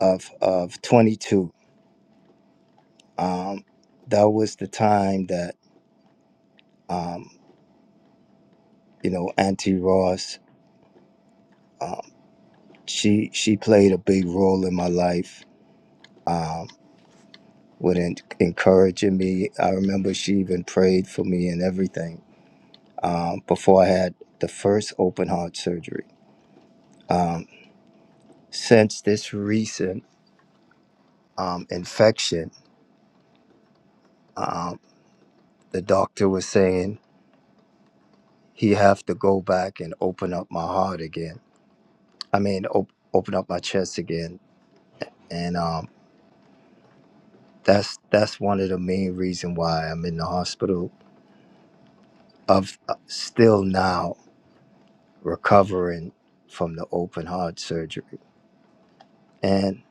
Speaker 10: of of 22 um that was the time that um you know auntie ross um she she played a big role in my life um with en- encouraging me i remember she even prayed for me and everything um before i had the first open heart surgery um since this recent um infection um the doctor was saying he have to go back and open up my heart again. I mean, op- open up my chest again, and um, that's that's one of the main reason why I'm in the hospital. Of uh, still now recovering from the open heart surgery, and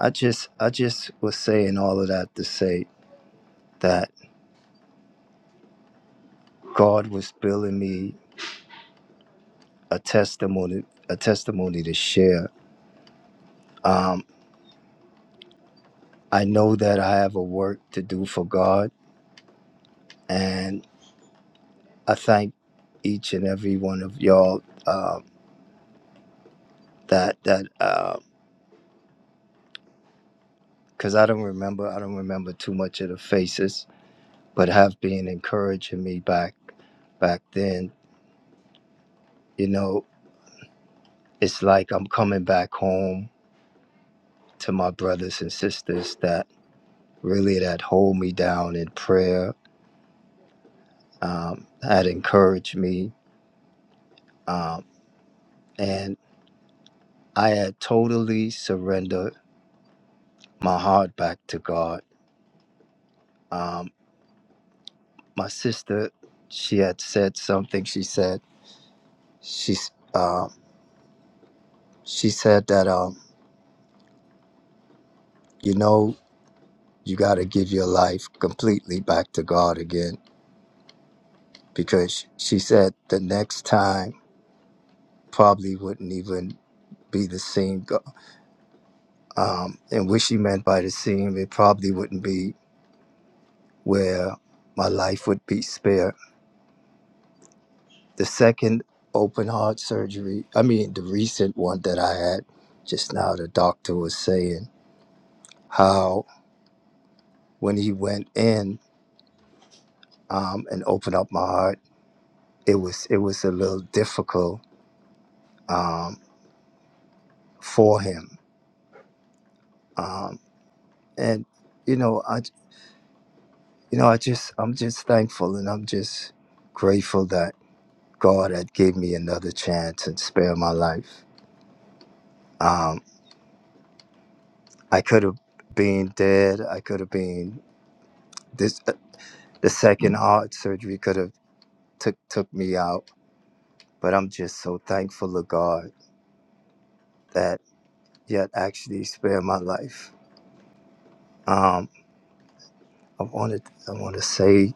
Speaker 10: I just I just was saying all of that to say that God was building me a testimony a testimony to share. Um, I know that I have a work to do for God, and. I thank each and every one of y'all uh, that that because I don't remember I don't remember too much of the faces, but have been encouraging me back back then. You know, it's like I'm coming back home to my brothers and sisters that really that hold me down in prayer, um, that encouraged me, um, and I had totally surrendered my heart back to God. Um, my sister she had said something she said she's um she said that um you know you got to give your life completely back to god again because she said the next time probably wouldn't even be the same go- um and what she meant by the same it probably wouldn't be where my life would be spared the second open heart surgery i mean the recent one that i had just now the doctor was saying how. when he went in um, and opened up my heart, it was it was a little difficult um, for him. Um, and you know, I you know, I just I'm just thankful and I'm just grateful that God had gave me another chance and spared my life. Um, I could have been dead. I could have been this. uh, The second heart surgery could have took took me out, but I'm just so thankful to God that yet actually spared my life. Um, I wanted I want to say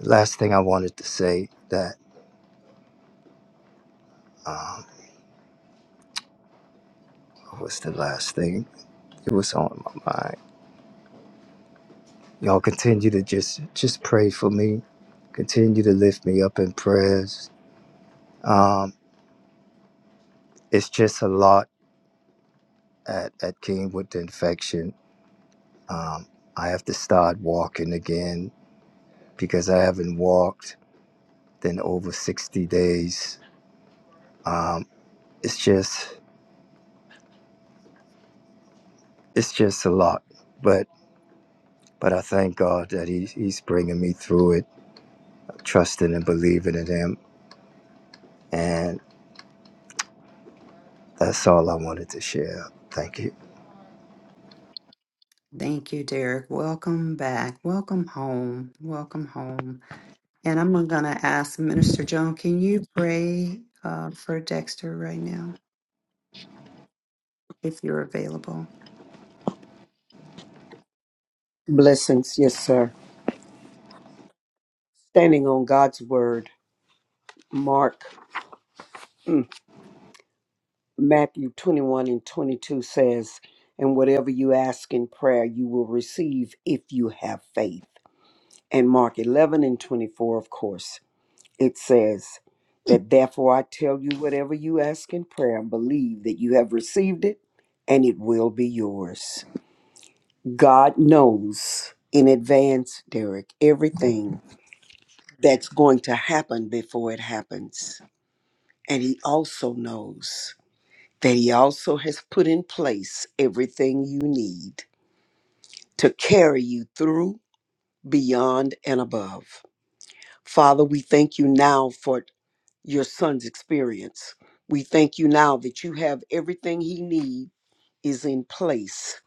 Speaker 10: the last thing I wanted to say that um, was the last thing it was on my mind. Y'all continue to just just pray for me. Continue to lift me up in prayers. Um, it's just a lot at at King with the infection. Um, I have to start walking again because I haven't walked in over sixty days. Um, it's just it's just a lot, but but I thank God that he, He's bringing me through it trusting and believing in Him. And that's all I wanted to share. Thank you.
Speaker 1: Thank you, Derek. Welcome back. Welcome home. Welcome home. And I'm going to ask Minister Joan, can you pray uh, for Dexter right now if you're available?
Speaker 7: blessings yes sir standing on god's word mark Matthew 21 and 22 says, And whatever you ask in prayer, you will receive if you have faith. And Mark 11 and 24, of course, it says, That therefore I tell you, whatever you ask in prayer, believe that you have received it and it will be yours. God knows in advance, Derek, everything that's going to happen before it happens. And He also knows. that He also has put in place everything you need to carry you through, beyond, and above. Father, we thank you now for your son's experience. We thank you now that you have everything he needs is in place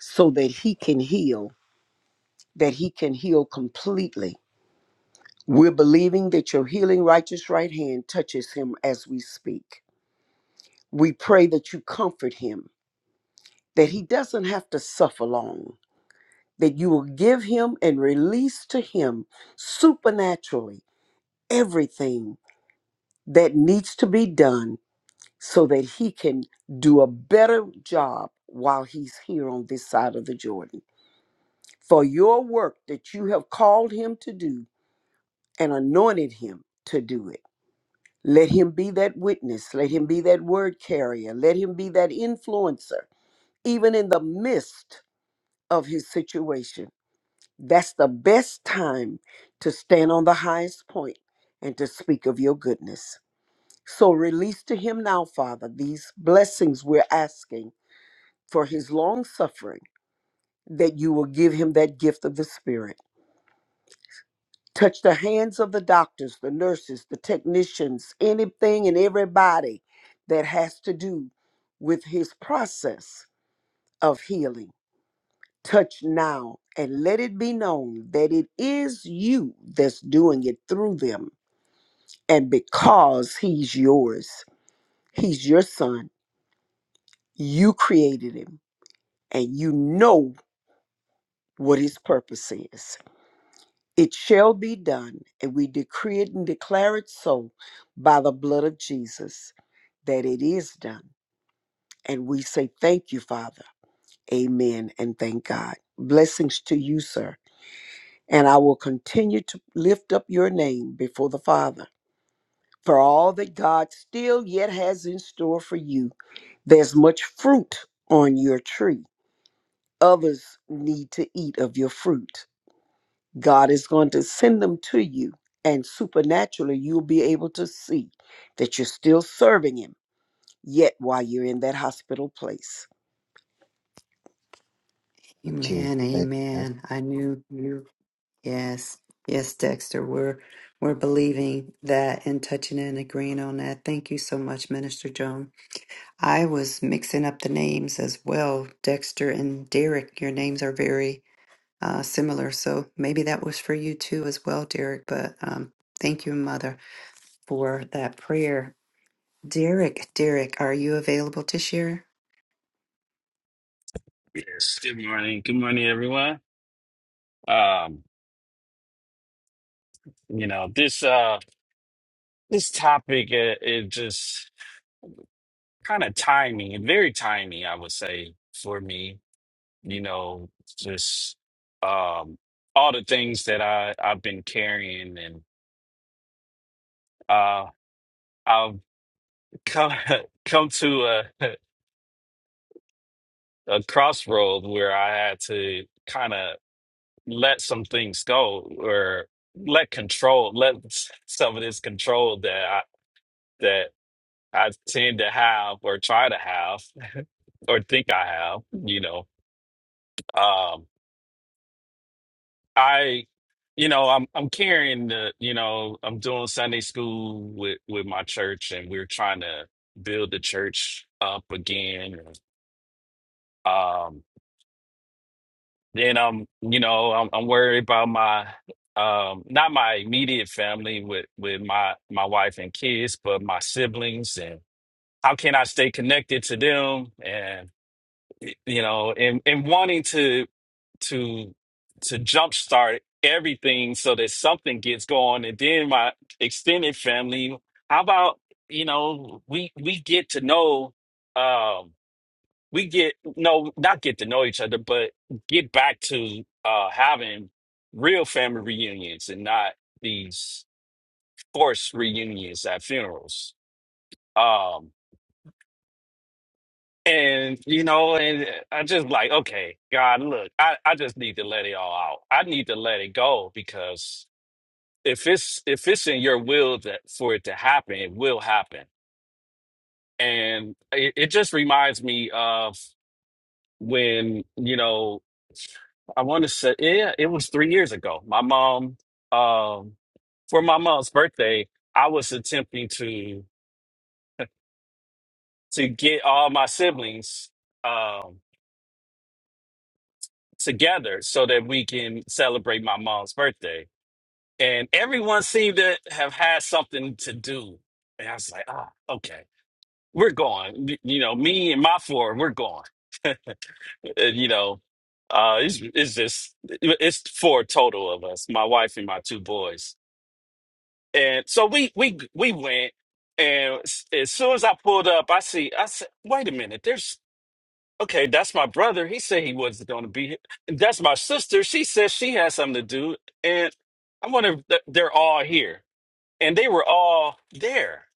Speaker 7: so that he can heal, that he can heal completely. We're believing that your healing righteous right hand touches him as we speak. We pray that you comfort him, that he doesn't have to suffer long that you will give him and release to him supernaturally everything that needs to be done so that he can do a better job while he's here on this side of the Jordan. For your work that you have called him to do and anointed him to do it. Let him be that witness. Let him be that word carrier. Let him be that influencer, even in the midst of his situation That's the best time to stand on the highest point and to speak of your goodness. So release to him now, Father, these blessings we're asking for his long suffering, that you will give him that gift of the Spirit. Touch the hands of the doctors, the nurses, the technicians, anything and everybody that has to do with his process of healing. Touch now and let it be known that it is you that's doing it through them And because he's yours, he's your son, you created him and you know what his purpose is. It shall be done, and we decree it and declare it so by the blood of Jesus that it is done. And we say, Thank you, Father. Amen. And thank God. Blessings to you, sir. And I will continue to lift up your name before the Father for all that God still yet has in store for you There's much fruit on your tree. Others need to eat of your fruit. God is going to send them to you, and supernaturally, you'll be able to see that you're still serving Him, yet, while you're in that hospital place.
Speaker 10: Thank you.
Speaker 1: Amen.
Speaker 10: Amen.
Speaker 1: Amen. I knew you. Yes. Yes, Dexter. We're we're believing that and touching and agreeing on that. Thank you so much, Minister Joan. I was mixing up the names as well. Dexter and Derek, your names are very uh, similar. So maybe that was for you too, as well, Derek. But um, thank you, Mother, for that prayer. Derek, Derek, are you available to share?
Speaker 11: Yes. Good morning. Good morning, everyone. Um, you know, this uh this topic uh, is just kind of timing, and very timing, I would say, for me. You know, just um all the things that I I've been carrying and uh I've come come to a a crossroad where I had to kind of let some things go or let control, let some of this control that I that I tend to have or try to have or think I have, you know. Um I you know, I'm I'm carrying the, you know, I'm doing Sunday school with with my church and we're trying to build the church up again. Um then I'm, you know, I'm I'm worried about my um not my immediate family with with my my wife and kids, but my siblings and how can I stay connected to them and you know, and and wanting to to to jumpstart everything so that something gets going and then my extended family how about you know we we get to know um we get no not get to know each other but get back to uh having real family reunions and not these forced reunions at funerals um and you know, and I just like, okay, God, look, I, I just need to let it all out. I need to let it go because if it's if it's in your will that for it to happen, it will happen. And it, it just reminds me of when you know I want to say yeah, it was three years ago. My mom, um, for my mom's birthday, I was attempting to to get all my siblings um together so that we can celebrate my mom's birthday. And everyone seemed to have had something to do. And I was like, ah, okay we're gone. You know, me and my four, we're gone. And, you know, uh, it's, it's just it's four total of us, my wife and my two boys. And so we we we went, and s- as soon as I pulled up, I see I said, wait a minute, there's okay, that's my brother. He said he wasn't going to be here. And that's my sister. She said she had something to do, and I wonder if th- they're all here. And they were all there.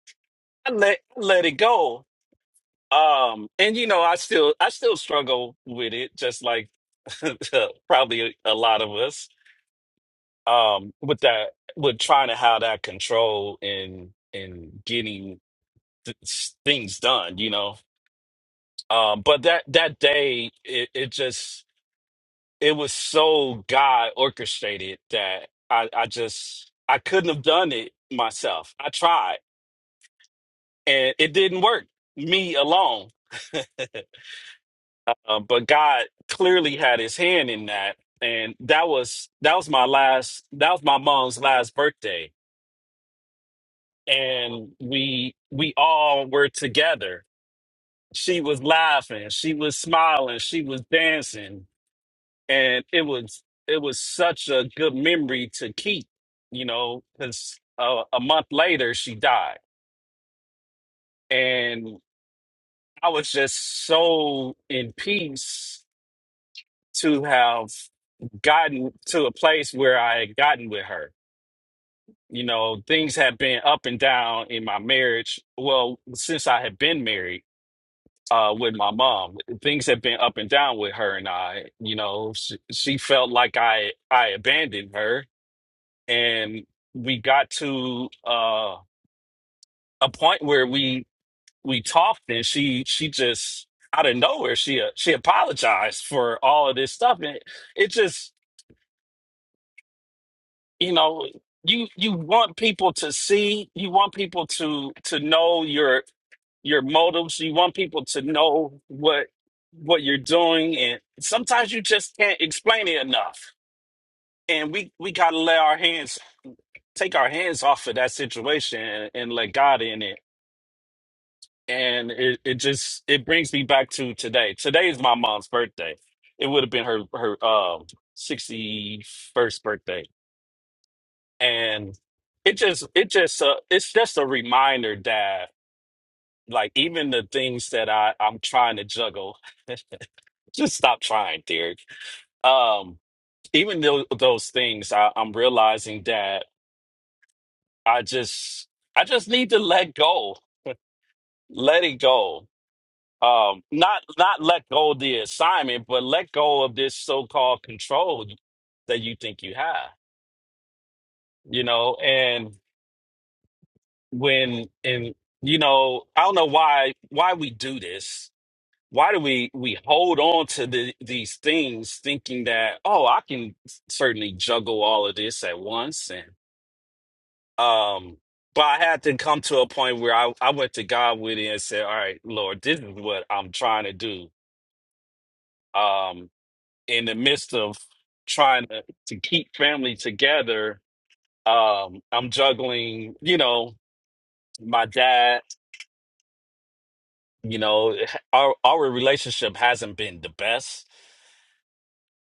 Speaker 11: I let I let it go Um, and you know, I still I still struggle with it, just like probably a, a lot of us. Um, with that, with trying to have that control and and getting th s- things done, you know. Um, but that that day, it, it just it was so God orchestrated that I I just I couldn't have done it myself. I tried, and it didn't work. Me alone. Um, but God clearly had his hand in that. And that was that was my last that was my mom's last birthday. And we we all were together. She was laughing, she was smiling, she was dancing, and it was it was such a good memory to keep, you know, because uh, a month later she died. And I was just so in peace to have gotten to a place where I had gotten with her. You know, things had been up and down in my marriage. Well, since I had been married uh, with my mom, things had been up and down with her and I. You know, she, she felt like I I abandoned her, and we got to uh, a point where we we talked, and she she just out of nowhere she uh, she apologized for all of this stuff, and it just you know you you want people to see you want people to to know your your motives you want people to know what what you're doing and sometimes you just can't explain it enough and we we got to let our hands take our hands off of that situation and, and let god in it and it, it just it brings me back to today today is my mom's birthday it would have been her her um 61st birthday and it just it just uh, it's just a reminder that like even the things that I I'm trying to juggle, just stop trying, Derek. Um, even though those things, I, I'm realizing that I just I just need to let go, let it go. Um, not not let go of the assignment, but let go of this so-called control that you think you have, you know, and. when and you know i don't know why why we do this why do we we hold on to the, these things thinking that oh i can certainly juggle all of this at once and um but i had to come to a point where i, I went to god with it and said all right lord this is what i'm trying to do um in the midst of trying to, to keep family together um i'm juggling you know my dad You know, our our relationship hasn't been the best,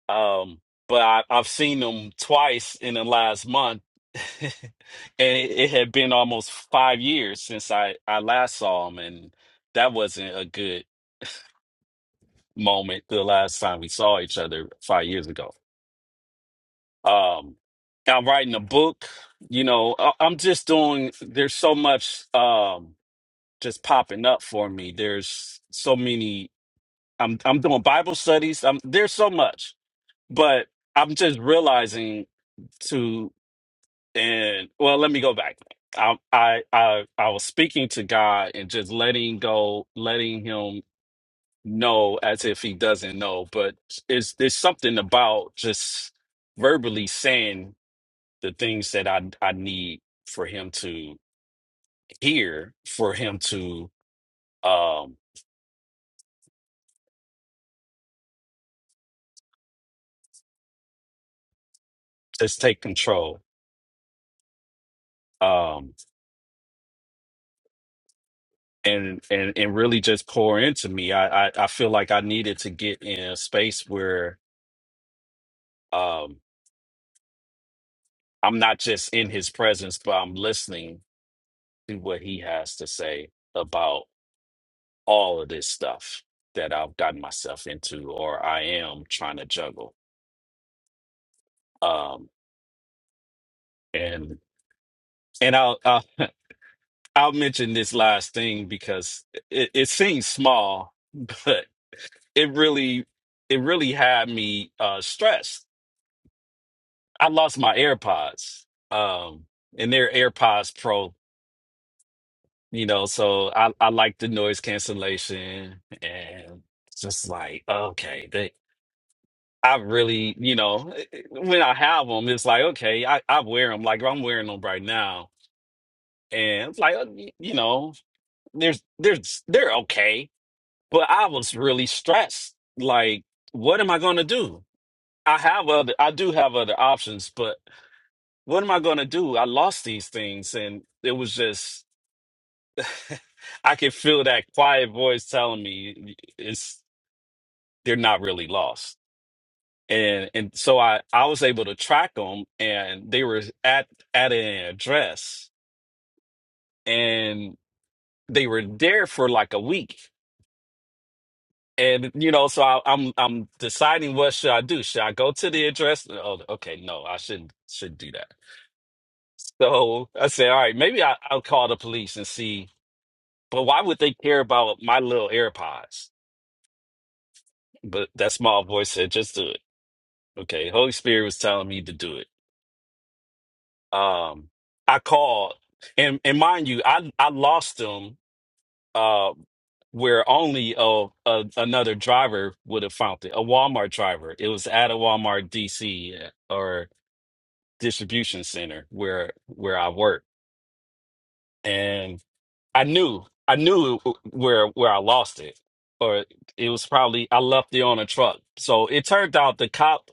Speaker 11: um, but I, I've seen him twice in the last month, and it, it had been almost five years since I I last saw him, and that wasn't a good moment the last time we saw each other five years ago. Um, I'm writing a book. You know, I, I'm just doing. There's so much um, just popping up for me. There's so many I'm I'm doing Bible studies. I'm there's so much. but I'm just realizing to and well, let me go back. I I I, I was speaking to God and just letting go, letting Him know as if He doesn't know. But it's there's something about just verbally saying the things that I I need for Him to hear, for Him to um just take control. Um, and and and really just pour into me. I, I I feel like I needed to get in a space where Um, I'm not just in his presence, but I'm listening to what he has to say about all of this stuff that I've gotten myself into or I am trying to juggle. Um, and and I'll I'll, I'll mention this last thing because it, it seems small, but it really it really had me uh stressed. I lost my AirPods. Um and they're AirPods Pro You know, so I, I like the noise cancellation and it's just like, okay, they, I really, you know, eh, eh, when I have them, it's like, okay, I, I wear them. Like I'm wearing them right now. And it's like, uh, y- you know, there's, there's, they're okay. But I was really stressed. Like, what am I going to do? I have other, I do have other options, but what am I going to do? I lost these things and it was just, I can feel that quiet voice telling me it's they're not really lost. And and so I I was able to track them and they were at at an address and they were there for like a week. And you know, so I, I'm I'm deciding what should I do? Should I go to the address? Oh, okay, no, I shouldn't should do that. So I said, all right, maybe I, I'll call the police and see. But why would they care about my little AirPods? But that small voice said, just do it. Okay, Holy Spirit was telling me to do it. Um, I called, and and mind you, I I lost them. Uh, where only a, a another driver would have found it, a Walmart driver. It was at a Walmart DC or distribution center where where I work, and I knew I knew where where I lost it, or it was probably I left it on a truck. So it turned out the cop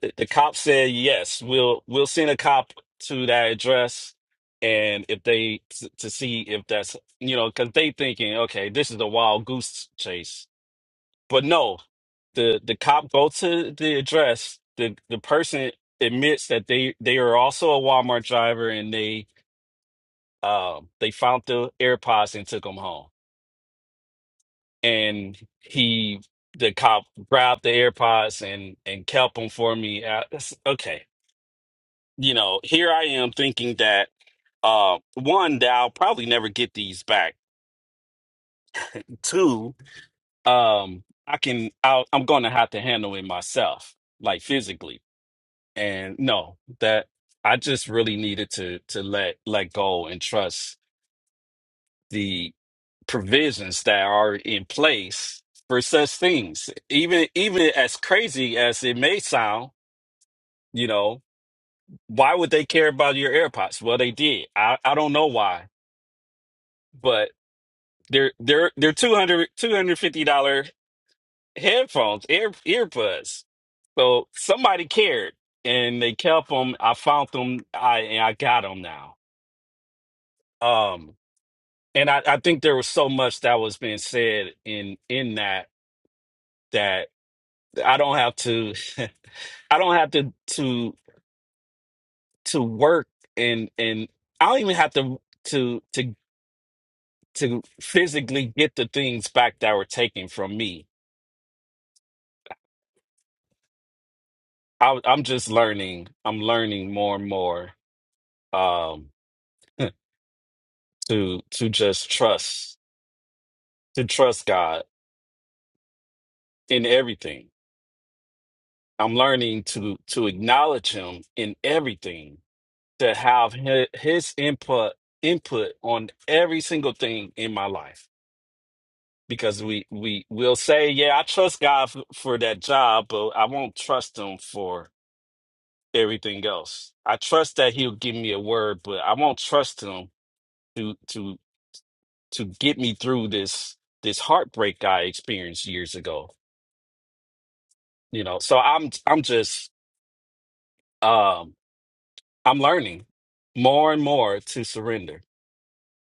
Speaker 11: th- the cop said yes we'll we'll send a cop to that address and if they t- to see if that's you know because they thinking okay this is a wild goose chase but no the the cop go to the address the the person admits that they they are also a walmart driver and they um they found the airpods and took them home and he the cop grabbed the airpods and and kept them for me Uh, that's- okay you know, here I am thinking that uh one, that I'll probably never get these back. Two, um, I can I'll, I'm gonna have to handle it myself, like physically. And no, that I just really needed to to let let go and trust the provisions that are in place for such things. Even even as crazy as it may sound, you know, why would they care about your AirPods? Well, they did. I, I don't know why, but They're they're they're 200 250 dollar headphones, ear earbuds. So somebody cared and they kept them. I found them. I and I got them now. Um, and I I think there was so much that was being said in in that that I don't have to I don't have to to to work and and I don't even have to to to to physically get the things back that were taken from me I, I'm just learning. I'm learning more and more um, to to just trust to trust God in everything. I'm learning to to acknowledge Him in everything, to have hi- His input input on every single thing in my life. Because we we will say, yeah, I trust God for, for that job, but I won't trust Him for everything else. I trust that He'll give me a word, but I won't trust Him to to to get me through this this heartbreak I experienced years ago. You know, so I'm I'm just um I'm learning more and more to surrender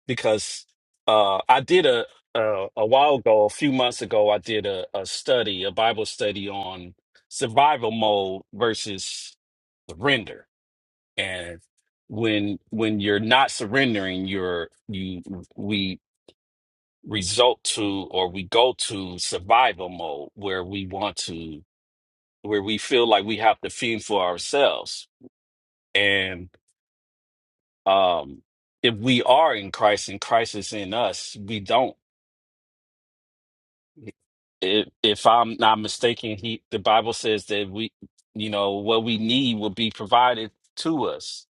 Speaker 11: because uh I did a a, a while ago, a few months ago, I did a, a study, a Bible study on survival mode versus surrender. And when when you're not surrendering, you're you we result to or we go to survival mode where we want to where we feel like we have to fend for ourselves and um if we are in christ and christ is in us we don't if, if i'm not mistaken he the bible says that we you know what we need will be provided to us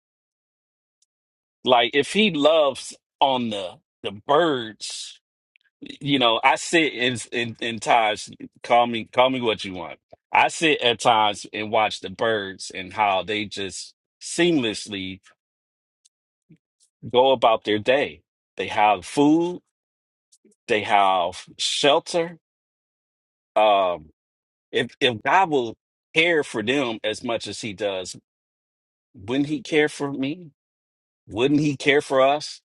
Speaker 11: like if he loves on the the birds you know, I sit in in in times. Call me, call me what you want. I sit at times and watch the birds and how they just seamlessly go about their day. They have food. They have shelter. Um, if if God will care for them as much as He does, wouldn't He care for me? Wouldn't He care for us?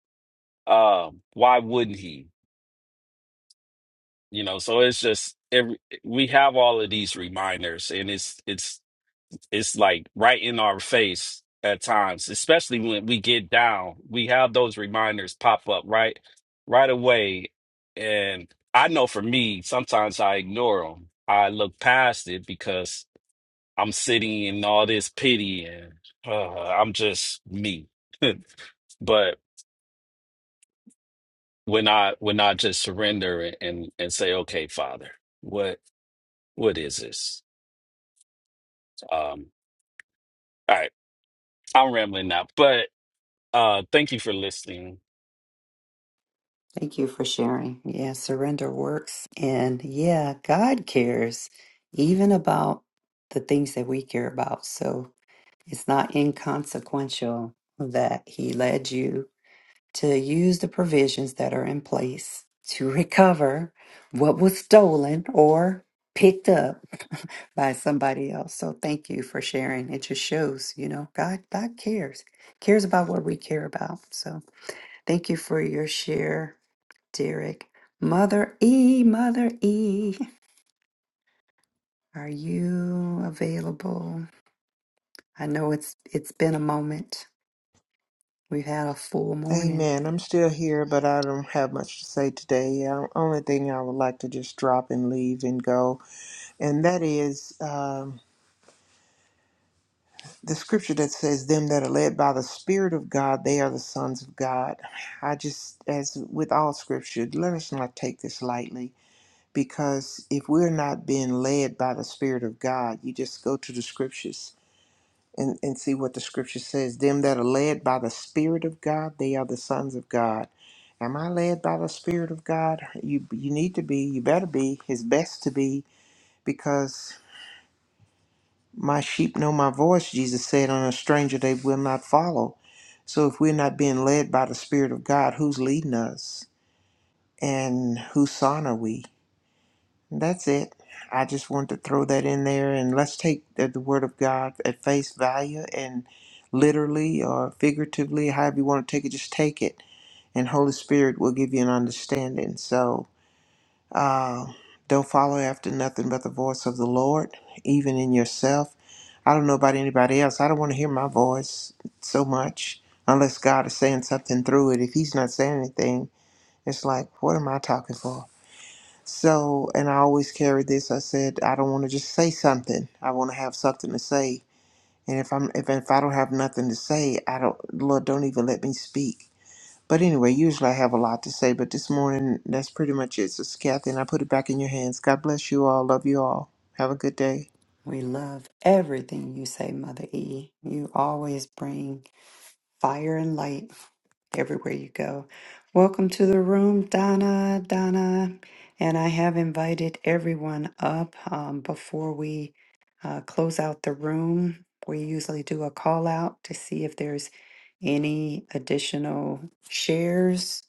Speaker 11: Um, why wouldn't He? You know. So it's just every, we have all of these reminders, and it's it's it's like right in our face at times, especially when we get down. We have those reminders pop up right right away. And I know for me, sometimes I ignore them. I look past it because I'm sitting in all this pity and uh, I'm just me. But when I when I just surrender and, and and say, okay, Father, what what is this? Um, all right, I'm rambling now, but uh, thank you for listening
Speaker 1: Thank you for sharing. Yeah, surrender works. And yeah, God cares even about the things that we care about. So it's not inconsequential that He led you to use the provisions that are in place to recover what was stolen or picked up by somebody else. So thank you for sharing. It just shows, you know, God God cares. Cares about what we care about. So thank you for your share, Derek. Mother E, Mother E, are you available? I know it's it's been a moment. We've had a full morning.
Speaker 3: Amen. I'm still here, but I don't have much to say today. The only thing I would like to just drop and leave and go, and that is um, the scripture that says, Them that are led by the Spirit of God, they are the sons of God. I just, as with all scripture, let us not take this lightly. because if we're not being led by the spirit of god you just go to the scriptures and, and see what the scripture says them that are led by the spirit of god they are the sons of god am i led by the spirit of god you you need to be you better be It's best to be because my sheep know my voice jesus said on a stranger they will not follow so if we're not being led by the spirit of god who's leading us and whose son are we That's it. I just want to throw that in there and let's take the, the word of God at face value and literally or figuratively, however you want to take it, just take it. And Holy Spirit will give you an understanding. So uh, don't follow after nothing but the voice of the Lord, even in yourself. I don't know about anybody else. I don't want to hear my voice so much unless God is saying something through it. If He's not saying anything, it's like, what am I talking for? So, and I always carry this. I said I don't want to just say something. I want to have something to say. And if I'm if if I don't have nothing to say, I don't Lord don't even let me speak. But anyway, usually I have a lot to say. But this morning, that's pretty much it. So, Kathy, and I put it back in your hands. God bless you all. Love you all. Have a good day.
Speaker 1: We love everything you say, Mother E. You always bring fire and light everywhere you go. Welcome to the room, Donna, Donna. And I have invited everyone up um, before we uh, close out the room. We usually do a call out to see if there's any additional shares,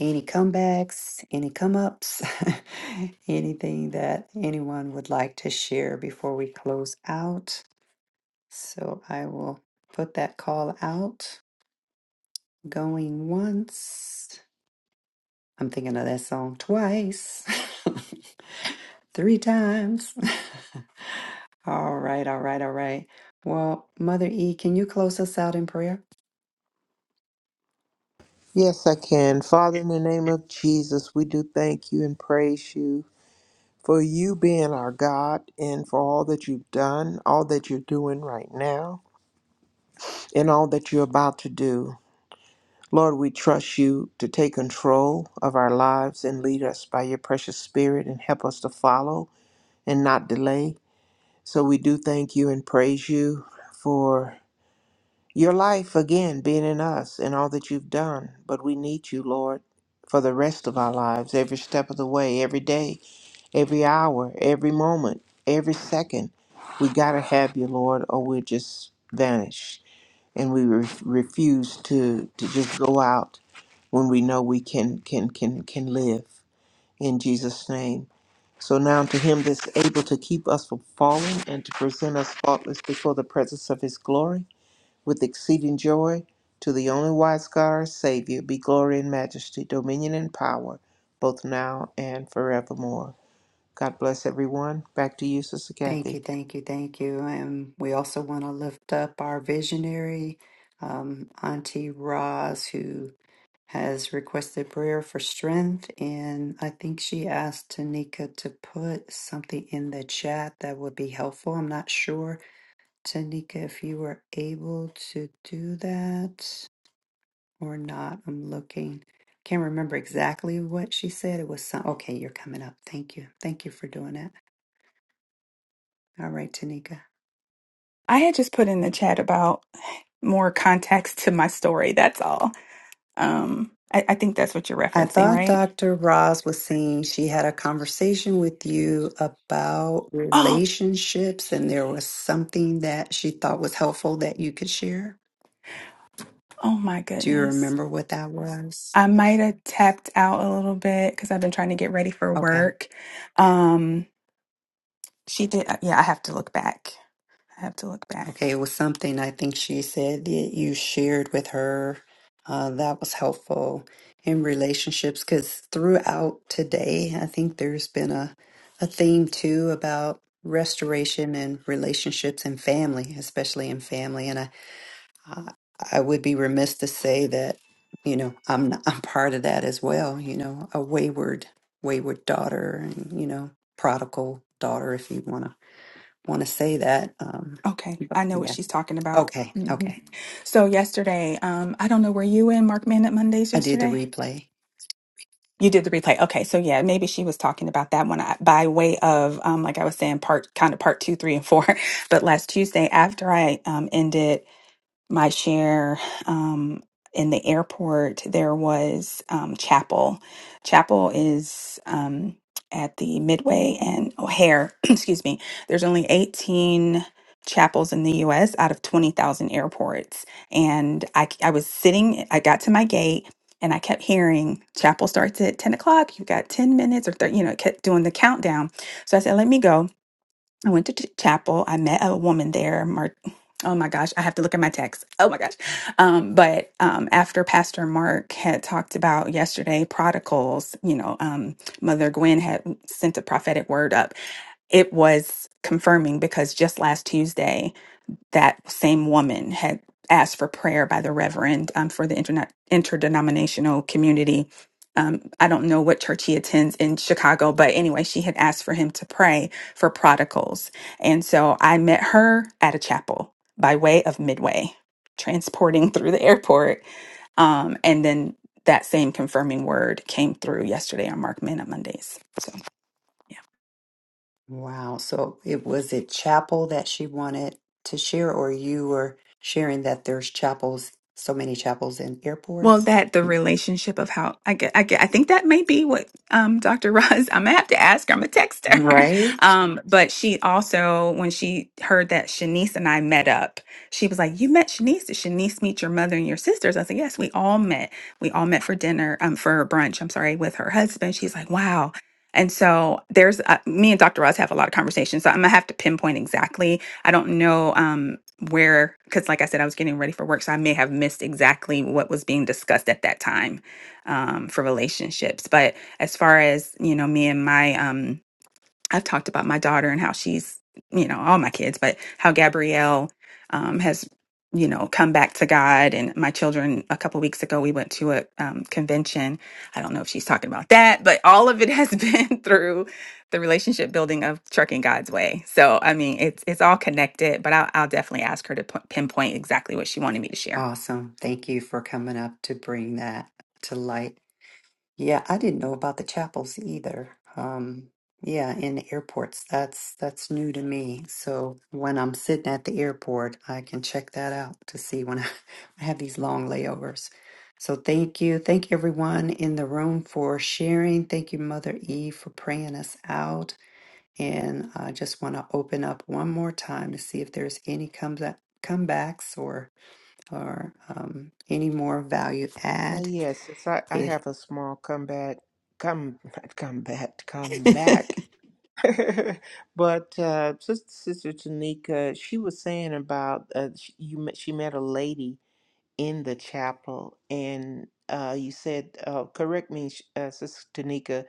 Speaker 1: any comebacks, any come ups, anything that anyone would like to share before we close out? So I will put that call out going once. I'm thinking of that song twice, three times. all right, all right, all right. Well, Mother E, can you close us out in prayer?
Speaker 3: Yes, I can. Father, in the name of Jesus, we do thank you and praise you for you being our God and for all that you've done, all that you're doing right now, and all that you're about to do. Lord, we trust you to take control of our lives and lead us by your precious spirit and help us to follow and not delay. So we do thank you and praise you for your life again being in us and all that you've done. But we need you, Lord, for the rest of our lives, every step of the way, every day, every hour, every moment, every second. We got to have you, Lord, or we'll just vanish. And we re- refuse to, to just go out when we know we can can can can live in Jesus name. So now to him that's able to keep us from falling and to present us faultless before the presence of his glory with exceeding joy, to the only wise God our Savior, be glory and majesty, dominion and power, both now and forevermore. God bless everyone. Back to you, Sister
Speaker 1: Thank you,
Speaker 3: Kathy.
Speaker 1: thank you, thank you. And we also want to lift up our visionary, um, Auntie Roz, who has requested prayer for strength. And I think she asked Tanika to put something in the chat that would be helpful. I'm not sure, Tanika, if you were able to do that or not. I'm looking. Can't remember exactly what she said. It was some. Okay, you're coming up. Thank you. Thank you for doing that. All right, Tanika.
Speaker 5: I had just put in the chat about more context to my story. That's all. Um, I, I think that's what you're
Speaker 1: I
Speaker 5: referencing,
Speaker 1: thought
Speaker 5: right?
Speaker 1: Dr. Roz was saying she had a conversation with you about
Speaker 5: Oh,
Speaker 1: relationships, and there was something that she thought was helpful that you could share.
Speaker 5: oh my
Speaker 1: Do you
Speaker 5: goodness.
Speaker 1: remember what that was?
Speaker 5: I might have tapped out a little bit because I've been trying to get ready for
Speaker 1: Okay.
Speaker 5: work. Um, she did. uh, Yeah, I have to look back. I have to look
Speaker 1: Okay.
Speaker 5: back.
Speaker 1: It was something I think she said that you shared with her uh, that was helpful in relationships because throughout today, I think there's been a, a theme too about restoration and relationships and family, especially in family. And I I, I would be remiss to say that, you know, I'm not, I'm part of that as well. You know, a wayward wayward daughter, and you know, prodigal daughter, if you wanna wanna say that. Um,
Speaker 5: Okay,
Speaker 1: Yep.
Speaker 5: I know what
Speaker 1: yeah.
Speaker 5: she's talking about.
Speaker 1: Okay.
Speaker 5: hmm
Speaker 1: Okay.
Speaker 5: So yesterday, um, I don't know, were you in Mark Man at Mondays
Speaker 1: I did the
Speaker 5: yesterday?
Speaker 1: replay.
Speaker 5: You did the replay. Okay, so yeah, maybe she was talking about that one I, by way of, um, like I was saying, part kind of part two, three, and four. But last Tuesday, after I um, ended. my share um, in the airport, there was um, Chapel. Chapel is um, at the Midway and O'Hare, excuse me. There's only 18 chapels in the US out of 20,000 airports. And I, I was sitting, I got to my gate. And I kept hearing chapel starts at 10 o'clock. You've got 10 minutes or 30, you know, it kept doing the countdown. So I said, let me go. I went to t- chapel. I met a woman there. Mar- oh my gosh, I have to look at my text. Oh my gosh. Um, but um, after Pastor Mark had talked about yesterday, prodigals, you know, um, Mother Gwen had sent a prophetic word up. It was confirming because just last Tuesday, that same woman had asked for prayer by the reverend um, for the internet interdenominational community. Um, I don't know what church he attends in Chicago, but anyway, she had asked for him to pray for prodigals. And so I met her at a chapel by way of Midway, transporting through the airport. Um, and then that same confirming word came through yesterday on Mark Minute Mondays. So, yeah.
Speaker 1: Wow. So it was it chapel that she wanted to share, or you were sharing that there's chapels, so many chapels in
Speaker 5: Well,
Speaker 1: airports.
Speaker 5: that the
Speaker 1: Um,
Speaker 5: relationship of how I get, I get, I think that may be what um, Dr. Roz. I'm gonna have to ask her. I'm gonna text her.
Speaker 1: Right.
Speaker 5: Um, but she also, when she heard that Shanice and I met up, she was like, "You met Shanice? Did Shanice meet your mother and your sisters?" I said, "Yes, we all met. We all met for dinner, um, for brunch. I'm sorry, with her husband." She's like, "Wow." And so there's uh, me and Dr. Roz have a lot of conversations. So I'm gonna have to pinpoint exactly I don't know um, where, because like I said, I was getting ready for work, so I may have missed exactly what was being discussed at that time um, for relationships. But as far as you know, me and my um, I've talked about my daughter and how she's, you know, all my kids, but how Gabrielle um, has, you know, come back to God. And my children, a couple weeks ago, we went to a um, convention. I don't know if she's talking about that, but all of it has been through the relationship building of trucking God's way. So, I mean, it's it's all connected. But I'll, I'll definitely ask her to p- pinpoint exactly what she wanted me to share.
Speaker 1: Awesome. Thank you for coming up to bring that to light. Yeah, I didn't know about the chapels either. Um, yeah, in airports, that's that's new to me. So when I'm sitting at the airport, I can check that out to see when I, I have these long layovers. So thank you, thank everyone in the room for sharing. Thank you, Mother E, for praying us out. And I just want to open up one more time to see if there's any comes up, comebacks or or um, any more value
Speaker 3: Uh,
Speaker 1: add.
Speaker 3: yes, since I, I
Speaker 1: If
Speaker 3: have a small comeback, come not comeback, comeback. but uh, Sister, Sister Tanika, she was saying about uh, she, you met, she met a lady in the chapel, and uh, you said, uh, correct me, sh- uh, Sister Tanika,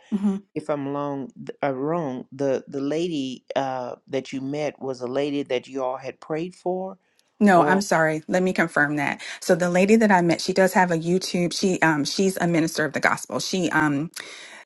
Speaker 3: if I'm wrong. th- Uh, wrong. The the lady uh, that you met was a lady that you all had prayed for,
Speaker 5: No, I'm
Speaker 3: or
Speaker 5: sorry. Let me confirm that. So the lady that I met, she does have a YouTube. She um she's a minister of the gospel. She um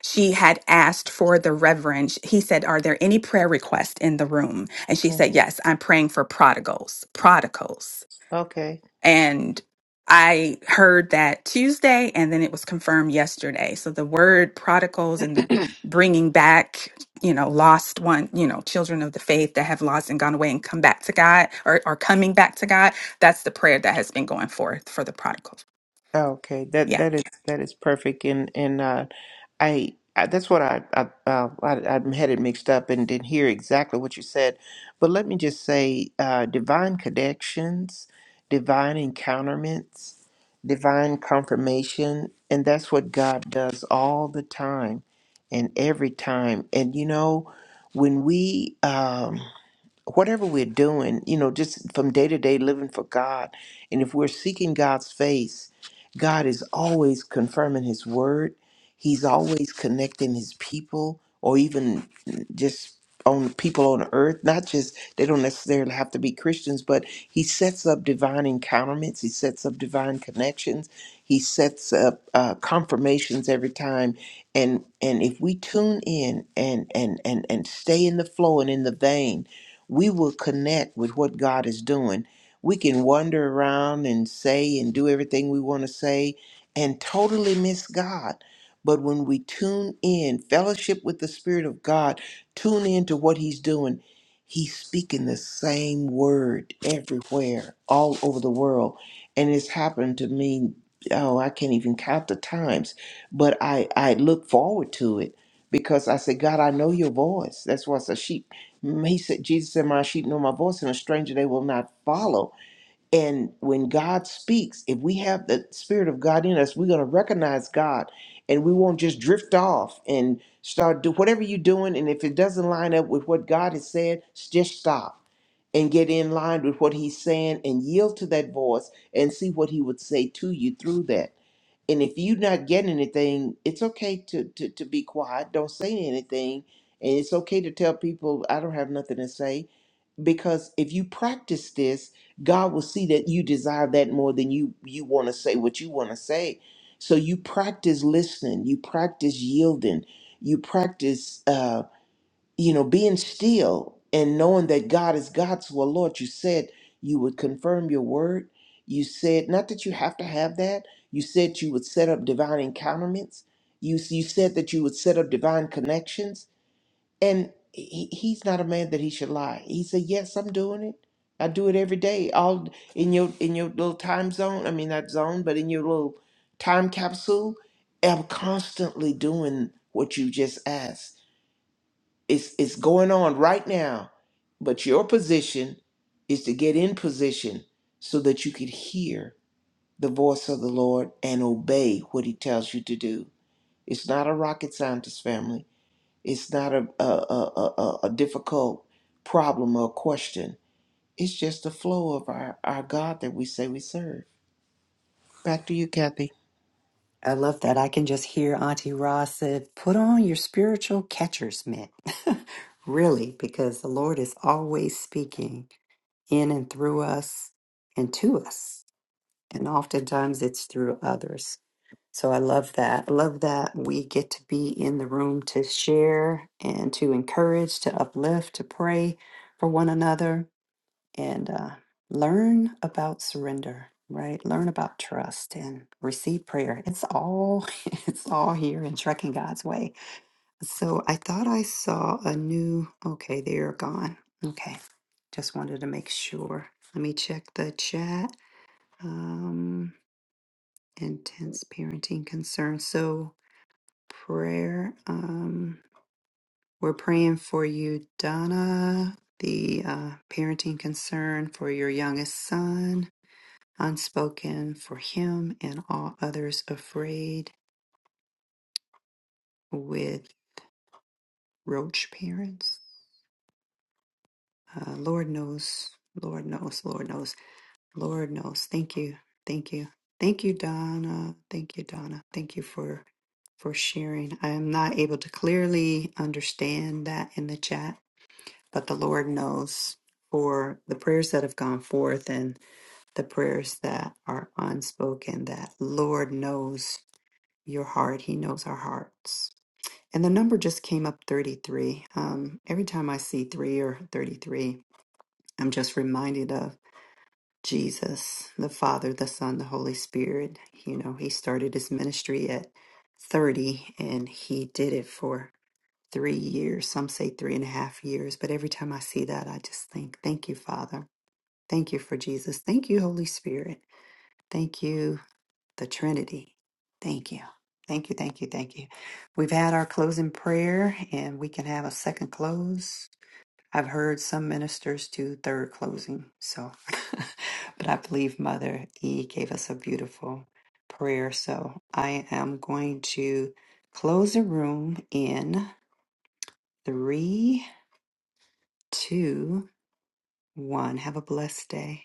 Speaker 5: she had asked for the reverend. Sh- He said, "Are there any prayer requests in the room?" And she
Speaker 3: Mm.
Speaker 5: said, "Yes, I'm praying for prodigals." Prodigals.
Speaker 3: okay,
Speaker 5: And I heard that Tuesday, and then it was confirmed yesterday. So the word prodigals and the bringing back, you know, lost one, you know, children of the faith that have lost and gone away and come back to God or are coming back to God. That's the prayer that has been going forth for the prodigals.
Speaker 3: okay, that
Speaker 5: Yeah.
Speaker 3: that is that is perfect, and and uh, I, I that's what I, I, uh, I I'm headed mixed up and didn't hear exactly what you said, but let me just say, uh, divine connections, divine encounterments, divine confirmation, and that's what God does all the time, and every time. And you know, when we um, whatever we're doing, you know, just from day to day living for God, and if we're seeking God's face, God is always confirming His word. He's always connecting His people, or even just on people on earth. Not just they don't necessarily have to be Christians, but He sets up divine encounterments. He sets up divine connections. He sets up uh, confirmations every time. And and if we tune in and and and and stay in the flow and in the vein we will connect with what God is doing. We can wander around and say and do everything we want to say and totally miss God. But when we tune in, fellowship with the Spirit of God, tune in to what He's doing, He's speaking the same word everywhere, all over the world. And it's happened to me, oh, I can't even count the times, but I, I look forward to it because I say, God, I know your voice. That's why I said sheep Mm, He said, Jesus said, My sheep know my voice, and a stranger they will not follow. And when God speaks, if we have the Spirit of God in us, we're going to recognize God and we won't just drift off and start do whatever you're doing. And if it doesn't line up with what God has said, s- just stop and get in line with what He's saying and yield to that voice and see what He would say to you through that. And if you're not getting anything, it's okay to, to, to be quiet. Don't say anything. And it's okay to tell people, I don't have nothing to say because if you practice this god will see that you desire that more than you you want to say what you want to say so you practice listening you practice yielding you practice uh you know being still and knowing that god is god so well, lord you said you would confirm your word you said not that you have to have that you said you would set up divine encounterments you, you said that you would set up divine connections and he, he's not a man that he should lie. He said, "Yes, I'm doing it. I do it every day. All in your in your little time zone. I mean, not zone, but in your little time capsule. I'm constantly doing what you just asked. It's it's going on right now. But your position is to get in position so that you could hear the voice of the Lord and obey what He tells you to do. It's not a rocket scientist, family. It's not a, a, a, a, a difficult problem or question. It's just the flow of our, our God that we say we serve. Back to you, Kathy.
Speaker 1: I love that. I can just hear Auntie Ross said, put on your spiritual catcher's mitt. really, because the Lord is always speaking in and through us and to us. And oftentimes it's through others. So I love that. I love that we get to be in the room to share and to encourage, to uplift, to pray for one another and uh, learn about surrender right learn about trust and receive prayer it's all it's all here in trekking god's way so i thought i saw a new okay they're gone okay just wanted to make sure let me check the chat um intense parenting concerns so prayer um we're praying for you donna the uh, parenting concern for your youngest son unspoken for him and all others afraid with roach parents. Uh, Lord knows, Lord knows, Lord knows, Lord knows. Thank you, thank you, thank you, Donna. Thank you, Donna. Thank you for for sharing. I am not able to clearly understand that in the chat, but the Lord knows for the prayers that have gone forth and the prayers that are unspoken. That Lord knows your heart. He knows our hearts. And the number just came up 33. Um, every time I see three or 33, I'm just reminded of Jesus, the Father, the Son, the Holy Spirit. You know, he started his ministry at 30 and he did it for three years. Some say three and a half years. But every time I see that, I just think, thank you, Father. Thank you for Jesus. Thank you, Holy Spirit. Thank you the Trinity. Thank you. Thank you, thank you, thank you. We've had our closing prayer and we can have a second close. I've heard some ministers do third closing, so but I believe Mother E gave us a beautiful prayer. So I am going to close the room in three, two, one. Have a blessed day.